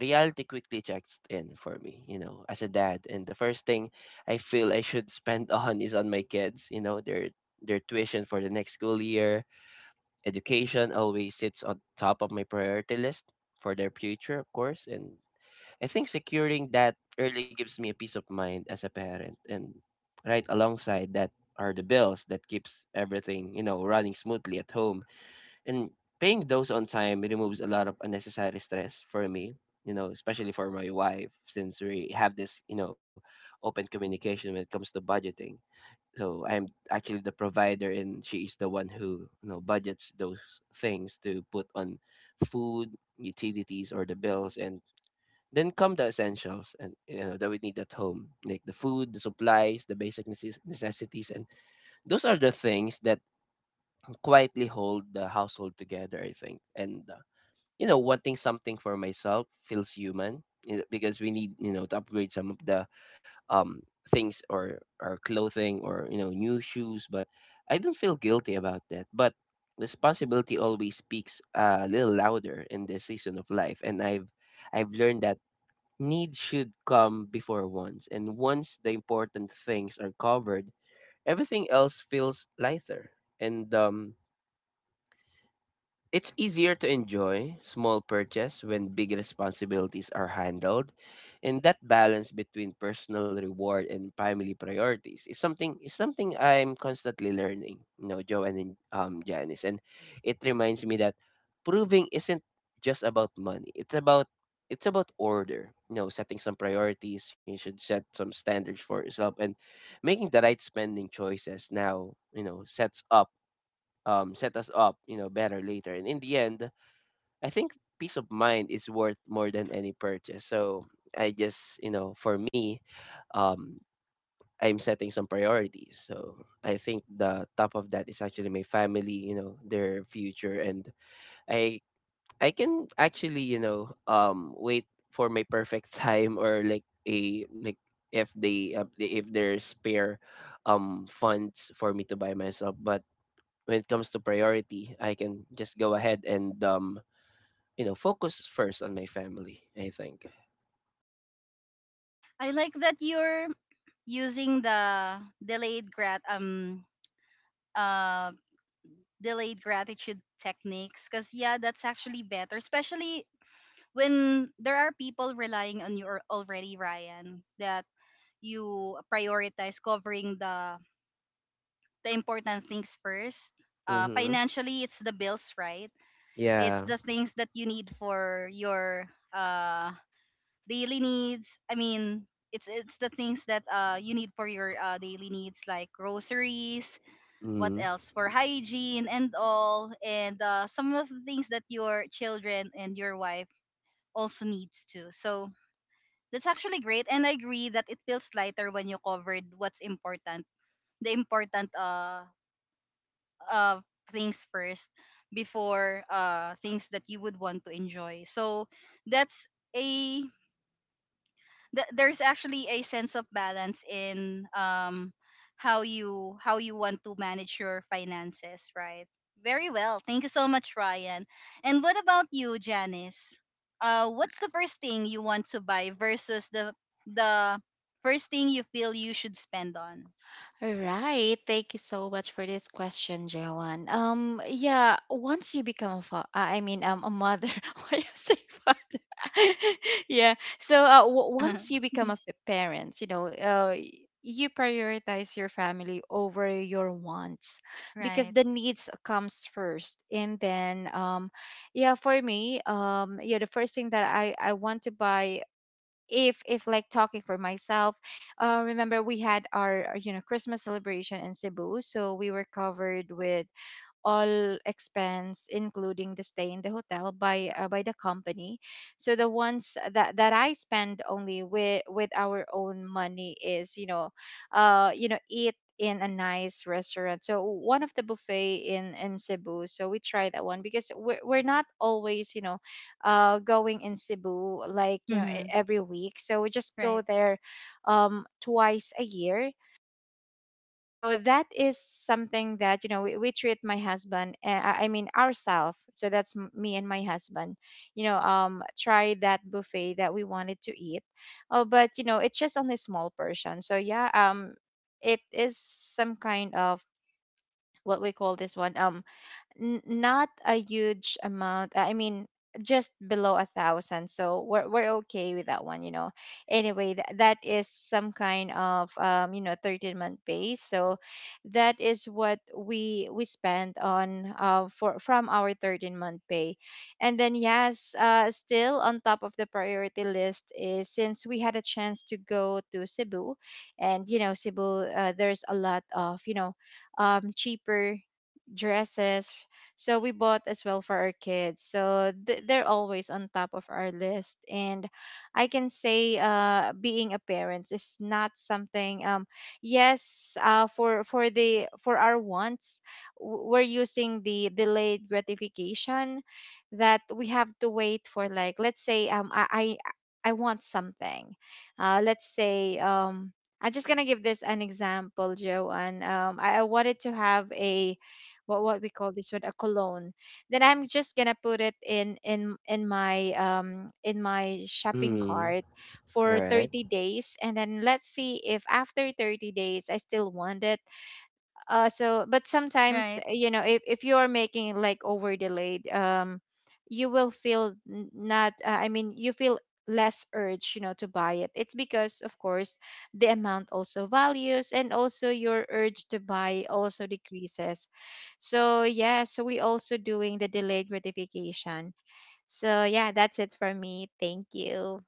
Speaker 3: reality quickly checks in for me, you know, as a dad. And the first thing I feel I should spend <laughs> on is on my kids, you know, their their tuition for the next school year. Education always sits on top of my priority list for their future, of course. And I think securing that early gives me a peace of mind as a parent. And right alongside that are the bills that keeps everything, you know, running smoothly at home, and paying those on time removes a lot of unnecessary stress for me, you know, especially for my wife, since we have this, you know, open communication when it comes to budgeting. So I'm actually the provider, and she is the one who, you know, budgets those things to put on food, utilities, or the bills. And then come the essentials, and you know that we need at home like the food, the supplies, the basic necess- necessities, and those are the things that quietly hold the household together, I think. And you know, wanting something for myself feels human, you know, because we need, you know, to upgrade some of the um things or our clothing or, you know, new shoes, but I don't feel guilty about that. But responsibility always speaks a little louder in this season of life, and i've i've learned that needs should come before wants, and once the important things are covered, everything else feels lighter. And um it's easier to enjoy small purchase when big responsibilities are handled, and that balance between personal reward and family priorities is something is something I'm constantly learning. You know, Joe and um Janice, and it reminds me that proving isn't just about money. It's about it's about order. You know, setting some priorities. You should set some standards for yourself and making the right spending choices. Now, you know, sets up um, set us up, you know, better later. And in the end, I think peace of mind is worth more than any purchase. So I just, you know, for me, um, I'm setting some priorities. So I think the top of that is actually my family, you know, their future, and I I can actually, you know, um, wait for my perfect <laughs> time or like a like if they uh, if there's spare um funds for me to buy myself. But when it comes to priority, I can just go ahead and um, you know, focus first on my family, I think.
Speaker 1: I like that you're using the delayed grat um uh delayed gratitude techniques, because yeah, that's actually better, especially when there are people relying on you al- already, Ryan, that you prioritize covering the the important things first. Uh,
Speaker 3: Mhm.
Speaker 1: financially, it's the bills, right? It's
Speaker 3: Yeah.
Speaker 1: the things that you need for your uh daily needs. I mean, it's it's the things that uh you need for your uh, daily needs, like groceries, what
Speaker 3: Mhm.
Speaker 1: else, for hygiene and all, and uh, some of the things that your children and your wife also needs too. So that's actually great, and I agree that it feels lighter when you covered what's important, the important uh uh things first before uh things that you would want to enjoy. So that's a th- there's actually a sense of balance in um how you how you want to manage your finances, right? Very well. Thank you so much, Ryan. And what about you, Janice? Uh, what's the first thing you want to buy versus the the first thing you feel you should spend on?
Speaker 2: All right. Thank you so much for this question, Joanne. Um, yeah, once you become a fa- I I mean, um, a mother, <laughs> why you say father? <laughs> Yeah. So uh, w- once
Speaker 1: <laughs>
Speaker 2: you become a f- parent, you know, uh, y- you prioritize your family over your wants
Speaker 1: Right.
Speaker 2: because the needs comes first. And then, um, yeah, for me, um, yeah, the first thing that I I want to buy if if like talking for myself, uh remember we had our uh, you know Christmas celebration in Cebu, so we were covered with all expense, including the stay in the hotel, by uh, by the company. So the ones that that I spend only with with our own money is, you know, uh, you know, eat in a nice restaurant. So one of the buffet in in Cebu. So we try that one because we're we're not always, you know, uh, going in Cebu like, you know, e-
Speaker 1: Hmm.
Speaker 2: every week. So we just go
Speaker 1: Right.
Speaker 2: there, um, twice a year. So that is something that, you know, we, we treat my husband, uh, I I mean ourselves. So that's m- me and my husband, you know. Um, try that buffet that we wanted to eat. Oh, but you know, it's just only small portion. So yeah, um, it is some kind of, what we call this one. Um, N- not a huge amount. I mean, just below a thousand. So we're we're okay with that one, you know. Anyway, that that is some kind of, um, you know, thirteen month base. So that is what we we spend on uh for from our thirteen month pay. And then yes, uh still on top of the priority list is, since we had a chance to go to Cebu, and you know, Cebu, uh, there's a lot of, you know, um cheaper dresses. So we bought as well for our kids. So th- they're always on top of our list. And I can say, uh, being a parent is not something. Um, yes, uh, for for the for our wants, w- we're using the delayed gratification that we have to wait for. Like let's say, um, I I, I want something. Uh, let's say, um. I'm just gonna give this an example, Joanne. Um, I, I wanted to have a, what what we call this one, a cologne. Then I'm just gonna put it in in in my um in my shopping
Speaker 3: Mhm.
Speaker 2: cart
Speaker 3: All
Speaker 2: for
Speaker 3: right.
Speaker 2: thirty days, and then let's see if after thirty days I still want it. Uh so but sometimes,
Speaker 1: Right.
Speaker 2: you know, if, if you are making like over delayed, um you will feel n- not uh, I mean, you feel less urge, you know, to buy it. It's because, of course, the amount also values, and also your urge to buy also decreases. So yeah, so we also doing the delayed gratification. So yeah, that's it for me. Thank you.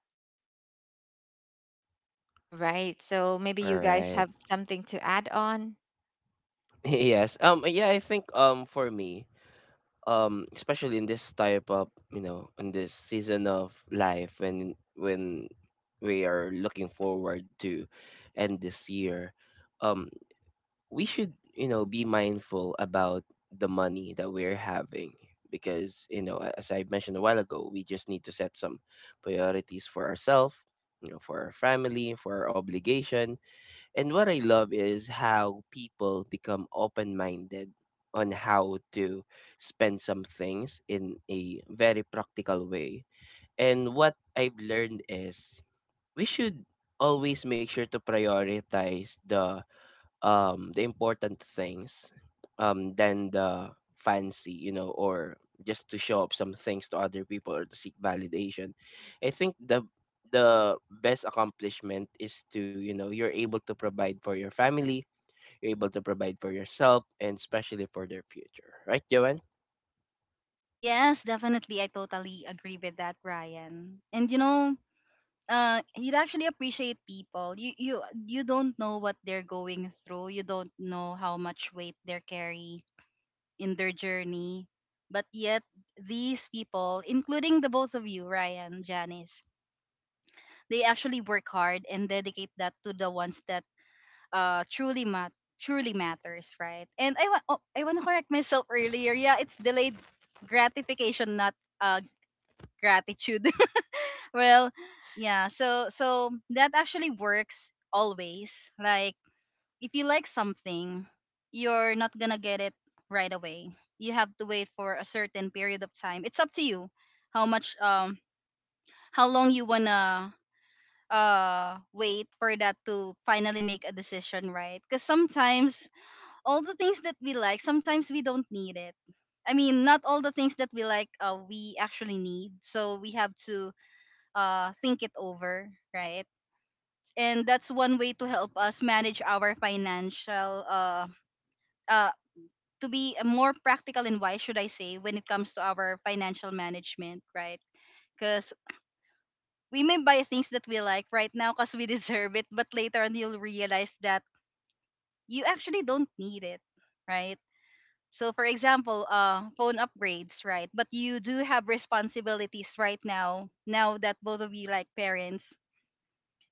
Speaker 3: All
Speaker 2: Right.
Speaker 3: right.
Speaker 2: So maybe you guys have something to add on.
Speaker 3: <laughs> Yes. Um yeah, I think um for me, um especially in this type of, you know, in this season of life, when when we are looking forward to end this year, um we should, you know, be mindful about the money that we're having, because you know a- as I mentioned a while ago, we just need to set some priorities for ourselves, you know, for our family, for our obligation. And what I love is how people become open-minded on how to spend some things in a very practical way. And what I've learned is we should always make sure to prioritize the um the important things, um than the fancy, you know, or just to show up some things to other people or to seek validation. I think the the best accomplishment is to, you know, you're able to provide for your family, you're able to provide for yourself, and especially for their future, right, Joanne?
Speaker 1: Yes, definitely. I totally agree with that, Ryan. And you know, uh you'd actually appreciate people. You you you don't know what they're going through, you don't know how much weight they're carrying in their journey, but yet these people, including the both of you, Ryan, Janice, they actually work hard and dedicate that to the ones that uh truly mat truly matters, right? And I want, oh, I want to correct myself earlier. Yeah, it's delayed gratification, not uh gratitude. Well, yeah. So so that actually works always. Like if you like something, you're not gonna get it right away. You have to wait for a certain period of time. It's up to you how much um how long you wanna uh wait for that to finally make a decision, right? Because sometimes all the things that we like, sometimes we don't need it. I mean, not all the things that we like, uh, we actually need. So we have to uh, think it over, right? And that's one way to help us manage our financial uh uh to be more practical and wise, should I say, when it comes to our financial management, right? Because we may buy things that we like right now because we <laughs> deserve it, but later on you'll realize that you actually don't need it, right? So for example, uh phone upgrades, right? But you do have responsibilities right now, now that both of you like parents.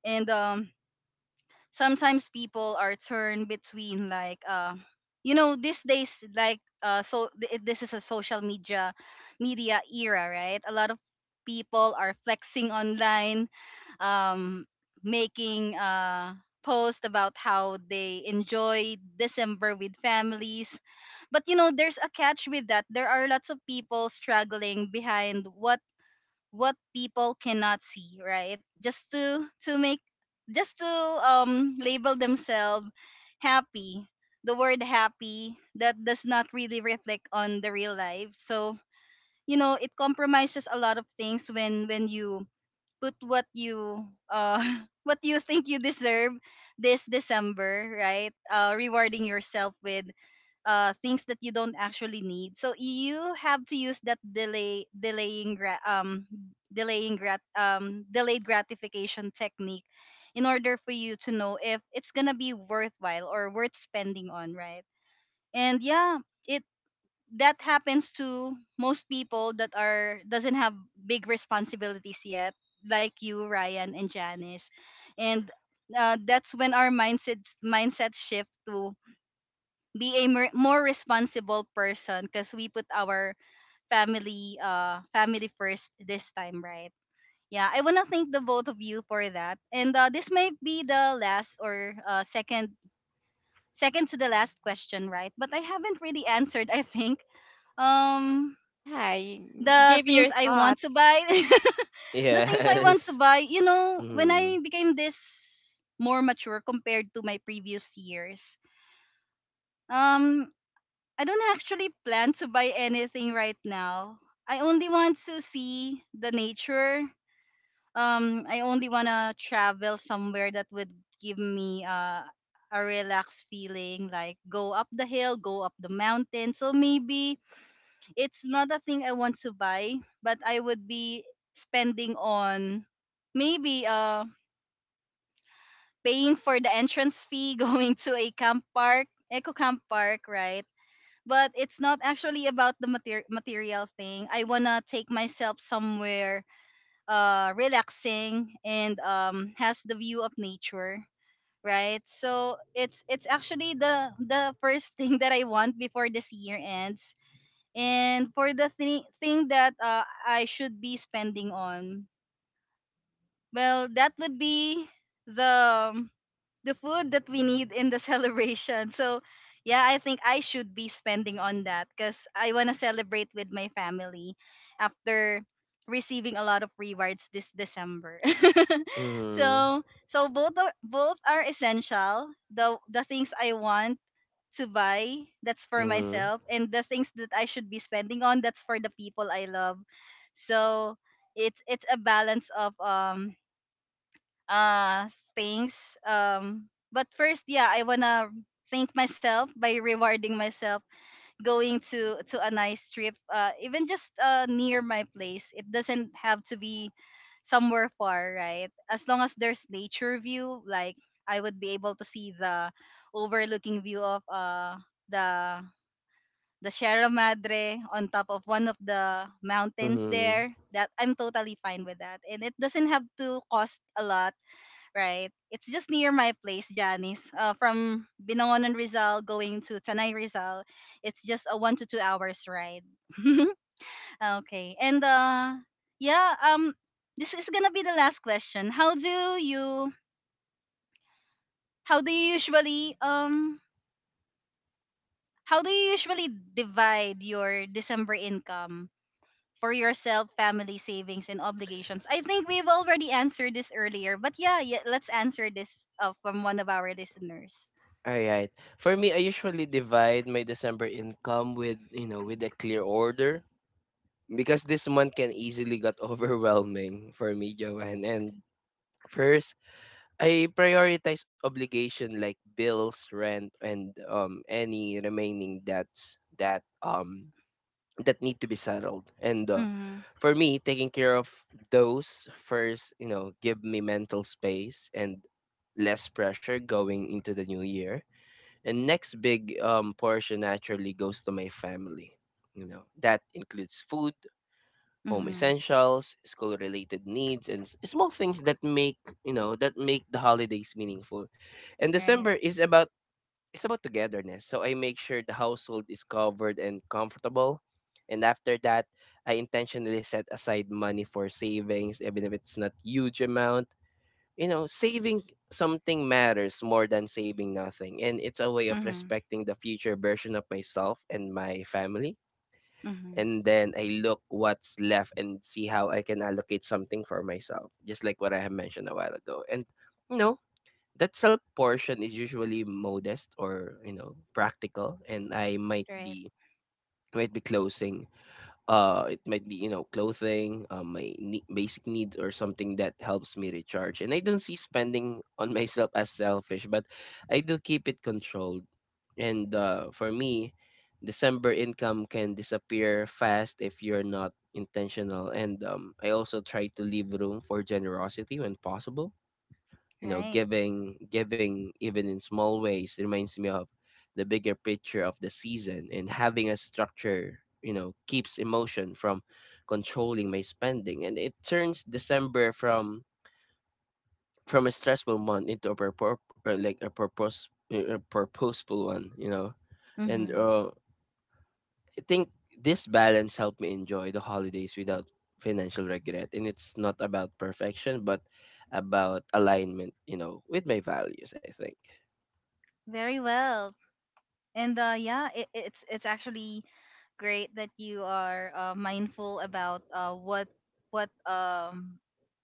Speaker 1: And um sometimes people are turned between like uh you know, these days, like uh so th- this is a social media media era, right? A lot of people are flexing online, um making uh post about how they enjoy December with families. But you know, there's a catch with that. There are lots of people struggling behind what what people cannot see, right? just to to make just to um label themselves happy, the word happy, that does not really reflect on the real life. So you know, it compromises a lot of things when when you put what you uh <laughs> what you think you deserve this December, right? Uh rewarding yourself with uh things that you don't actually need. So you have to use that delay delaying gra- um delaying grat um delayed gratification technique in order for you to know if it's gonna be worthwhile or worth spending on, right? And yeah, it that happens to most people that are doesn't have big responsibilities yet, like you, Ryan and Janice. And uh, that's when our mindset mindset shift to be a mer- more responsible person, because we put our family uh family first this time, right? Yeah, I want to thank the both of you for that. And uh, this might be the last, or uh, second second to the last question, right? But I haven't really answered, I think. um
Speaker 2: yeah y-
Speaker 1: the
Speaker 2: Give
Speaker 1: things
Speaker 2: your
Speaker 1: I want to
Speaker 2: thoughts.
Speaker 1: buy, <laughs> the things I want to
Speaker 3: Yes.
Speaker 1: buy, you
Speaker 3: <laughs>
Speaker 1: know, when
Speaker 3: Mm-hmm.
Speaker 1: I became this more mature compared to my previous years. um I don't actually plan to buy anything right now. I only want to see the nature. Um, I only want to travel somewhere that would give me uh, a relaxed feeling, like go up the hill, go up the mountain. So maybe it's not a thing I want to buy, but I would be spending on, maybe uh, paying for the entrance fee, <laughs> going to a camp park, eco camp park, right? But it's not actually about the mater- material thing. I wanna take myself somewhere uh relaxing and um has the view of nature, right? So it's it's actually the the first <laughs> thing that I want before this year ends. And for the thi- thing that uh, I should be spending on, well, that would be the the food that we need in the <laughs> celebration. So yeah, I think I should be spending on that because I want to celebrate with my family after receiving a lot of rewards this December. <laughs>
Speaker 3: Mm-hmm.
Speaker 1: So, so both are, both are essential. The the things I want to buy, that's for
Speaker 3: Mm-hmm.
Speaker 1: myself, and the things that I should be spending on, that's for the people I love. So it's it's a balance of um uh things um But first, yeah, I wanna thank myself by rewarding myself, going to to a nice trip, uh even just uh near my place. It doesn't have to be somewhere far, right? As long as there's nature view, like I would be able to see the overlooking view of uh the the Sierra Madre on top of one of the mountains
Speaker 3: Mm-hmm.
Speaker 1: there, that I'm totally fine with, that and it doesn't have to cost a lot, right? It's just near my place, Janice. Uh, from Binangonan Rizal going to Tanay Rizal, it's just a one to two hours ride. <laughs> Okay, and uh, yeah, um, this is gonna be the last question. How do you, how do you usually, um, how do you usually divide your December income for yourself, family savings, and obligations? I think we've already answered this earlier, but yeah, yeah, let's answer this uh, from one of our listeners.
Speaker 3: All right. For me, I usually divide my December income with, you know, with a clear order. Because this month can easily got <laughs> overwhelming for me, Joanne. And first, I prioritize obligation like bills, rent, and um any remaining debts that um that need to be settled. And uh,
Speaker 1: Mm-hmm.
Speaker 3: for me, taking care of those first, you know, give me mental space and less pressure going into the new year. And next big um portion naturally goes to my family. You know, that includes food, home
Speaker 1: Mhm.
Speaker 3: essentials, school related needs, and s- small things that make, you know, that make the holidays meaningful. And
Speaker 1: Right.
Speaker 3: December is about it's about togetherness. So I make sure the household is covered and comfortable. And after that, I intentionally set aside money for savings, even if it's not huge amount. You know, saving something matters more than saving nothing, and it's a way of
Speaker 1: Mhm.
Speaker 3: respecting the future version of myself and my family.
Speaker 1: Mhm.
Speaker 3: And then I look what's left and see how I can allocate something for myself, just like what I have mentioned a while ago. And you know, that self portion is usually modest or, you know, practical, and I might
Speaker 1: Right.
Speaker 3: be might be closing, uh it might be, you know, clothing, um, my ne- basic need, or something that helps me recharge. And I don't see spending on <laughs> myself as selfish, but I do keep it controlled. And uh, for me, December income can disappear fast if you're not intentional. And um, I also try to leave room for generosity when possible. You know,
Speaker 1: Right.
Speaker 3: giving giving even in small ways reminds me of the bigger picture of the season, and having a structure, you know, keeps emotion from controlling my spending, and it turns December from from a stressful month into a purpose like a purpose, a purposeful one, you know. And
Speaker 1: Mhm.
Speaker 3: uh, I think this balance helped me enjoy the holidays without financial regret, and it's not about perfection but about alignment, you know, with my values, I think.
Speaker 1: Very well. And uh, yeah, it, it's it's actually great that you are uh, mindful about uh, what what um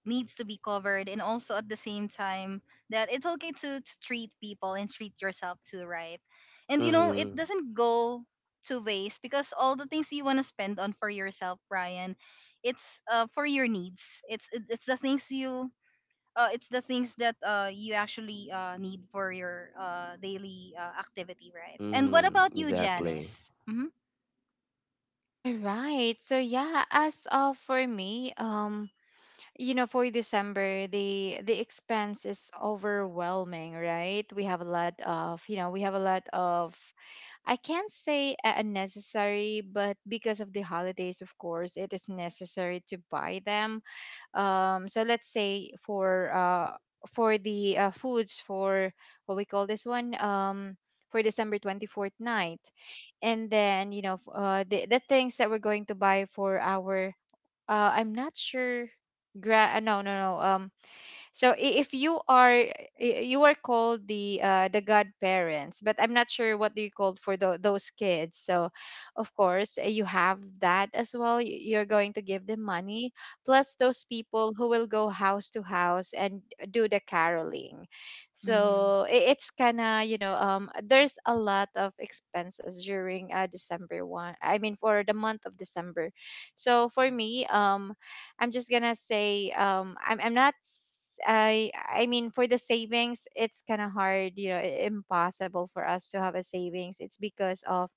Speaker 1: needs to be covered, and also at the same time that it's okay to, to treat people and treat yourself too, right? And you know, it
Speaker 3: Mhm.
Speaker 1: doesn't go to waste, because all the things you want to spend on for yourself, Brian, it's uh, for your needs. It's it, it's the things you uh, it's the things that uh, you actually uh, need for your uh, daily uh, activity, right? And
Speaker 3: Mhm.
Speaker 1: what about you,
Speaker 3: Exactly.
Speaker 1: Janice? Mm-hmm.
Speaker 2: All right. So yeah, as of for me, um, you know, for December, the the expense is overwhelming, right? We have a lot of, you know, we have a lot of, I can't say uh, unnecessary, but because of the holidays, of course, it is necessary to buy them. Um so let's say for uh for the uh, foods, for what we call this one, um for December twenty-fourth night, and then, you know, f- uh the, the things that we're going to buy for our, uh I'm not sure, gra- uh, no no no um so, i- if you are, i- you are called the, uh, the godparents, but I'm not sure what do you call for tho- those kids. So of course you have that as well. Y- You're going to give them money, plus those people who will go house to house and do the caroling.
Speaker 1: Mm-hmm.
Speaker 2: So, i- it's kind of, you know, um there's a lot of expenses during uh, December one. I mean, for the month of December. So for me, um I'm just gonna say, um I'm I'm not s- I I mean, for the savings, it's kind of hard, you know, i- impossible for us to have a savings. It's because of,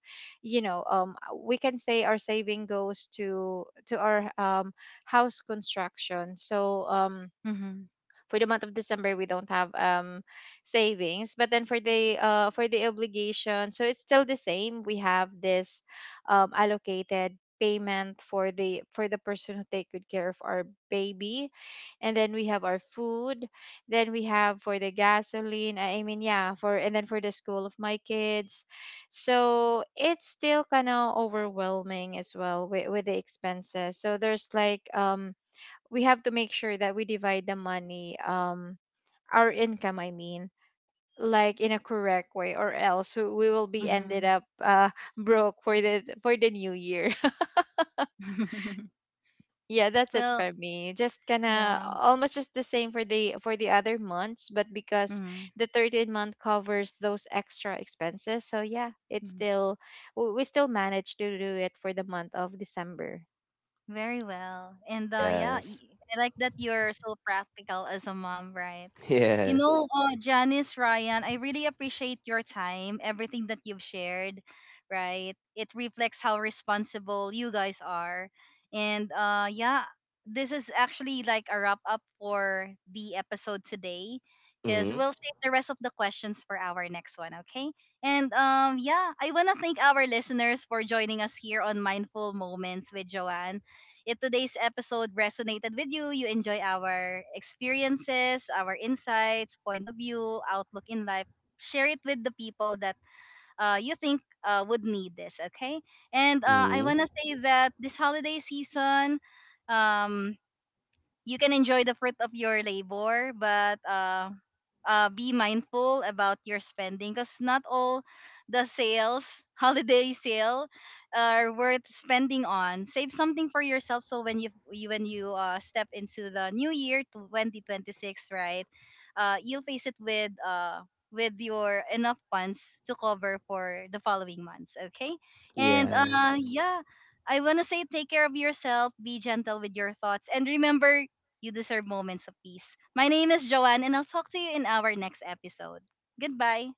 Speaker 2: you know, um we can say our saving goes to to our um house construction. So um
Speaker 1: Mm-hmm.
Speaker 2: for the month of December, we don't have um savings. But then for the uh for the obligation, so it's still the same. We have this um allocated payment for the, for the person who take good care of our baby, and then we have our food, then we have for the gasoline, I mean, yeah, for, and then for the school of my kids. So it's still kind of overwhelming as well with, with the expenses. So there's like, um we have to make sure that we divide the money, um our income, I mean, like in a correct way, or else we we will be ended
Speaker 1: Mm-hmm.
Speaker 2: up uh broke for the, for the new year.
Speaker 1: <laughs>
Speaker 2: <laughs> Yeah, that's it
Speaker 1: Well,
Speaker 2: for me. Just kind of
Speaker 1: yeah.
Speaker 2: almost just the same for the, for the other months. But because
Speaker 1: Mm-hmm.
Speaker 2: the thirteenth month covers those extra expenses, so yeah, it's
Speaker 1: Mm-hmm.
Speaker 2: still, w- we still managed to do it for the month of December.
Speaker 1: Very well. And uh, yeah,
Speaker 3: Yes.
Speaker 1: y- I like that you're so practical as a mom, right?
Speaker 3: <laughs>
Speaker 1: You know,
Speaker 3: Yes.
Speaker 1: uh, Janice, Ryan, I really appreciate your time, everything that you've shared, right? It reflects how responsible you guys are. And uh, yeah, this is actually like a wrap up for the episode today, because
Speaker 3: Mhm.
Speaker 1: we'll save the rest of the questions for our next one, okay? And um, yeah, I want to thank our listeners for joining us here on Mindful Moments with Joanne. If today's episode resonated with you, you enjoy our experiences, our insights, point of view, outlook in life, share it with the people that uh, you think uh, would need this, okay? And uh, I want
Speaker 3: Mhm.
Speaker 1: to say that this holiday season, um, you can enjoy the fruit of your labor, but uh, uh, be mindful about your spending, because not all the sales, <laughs> holiday sale, are worth spending on. Save something for yourself, so when you, you when you uh, step into the new year, twenty twenty-six, right? Uh, you'll face it with uh with your enough funds to cover for the following months. Okay, and uh
Speaker 3: Yes.
Speaker 1: yeah. I want to say, take care of yourself, be gentle with your thoughts, and remember you deserve moments of peace. My name is Joanne, and I'll talk to you in our next episode. Goodbye.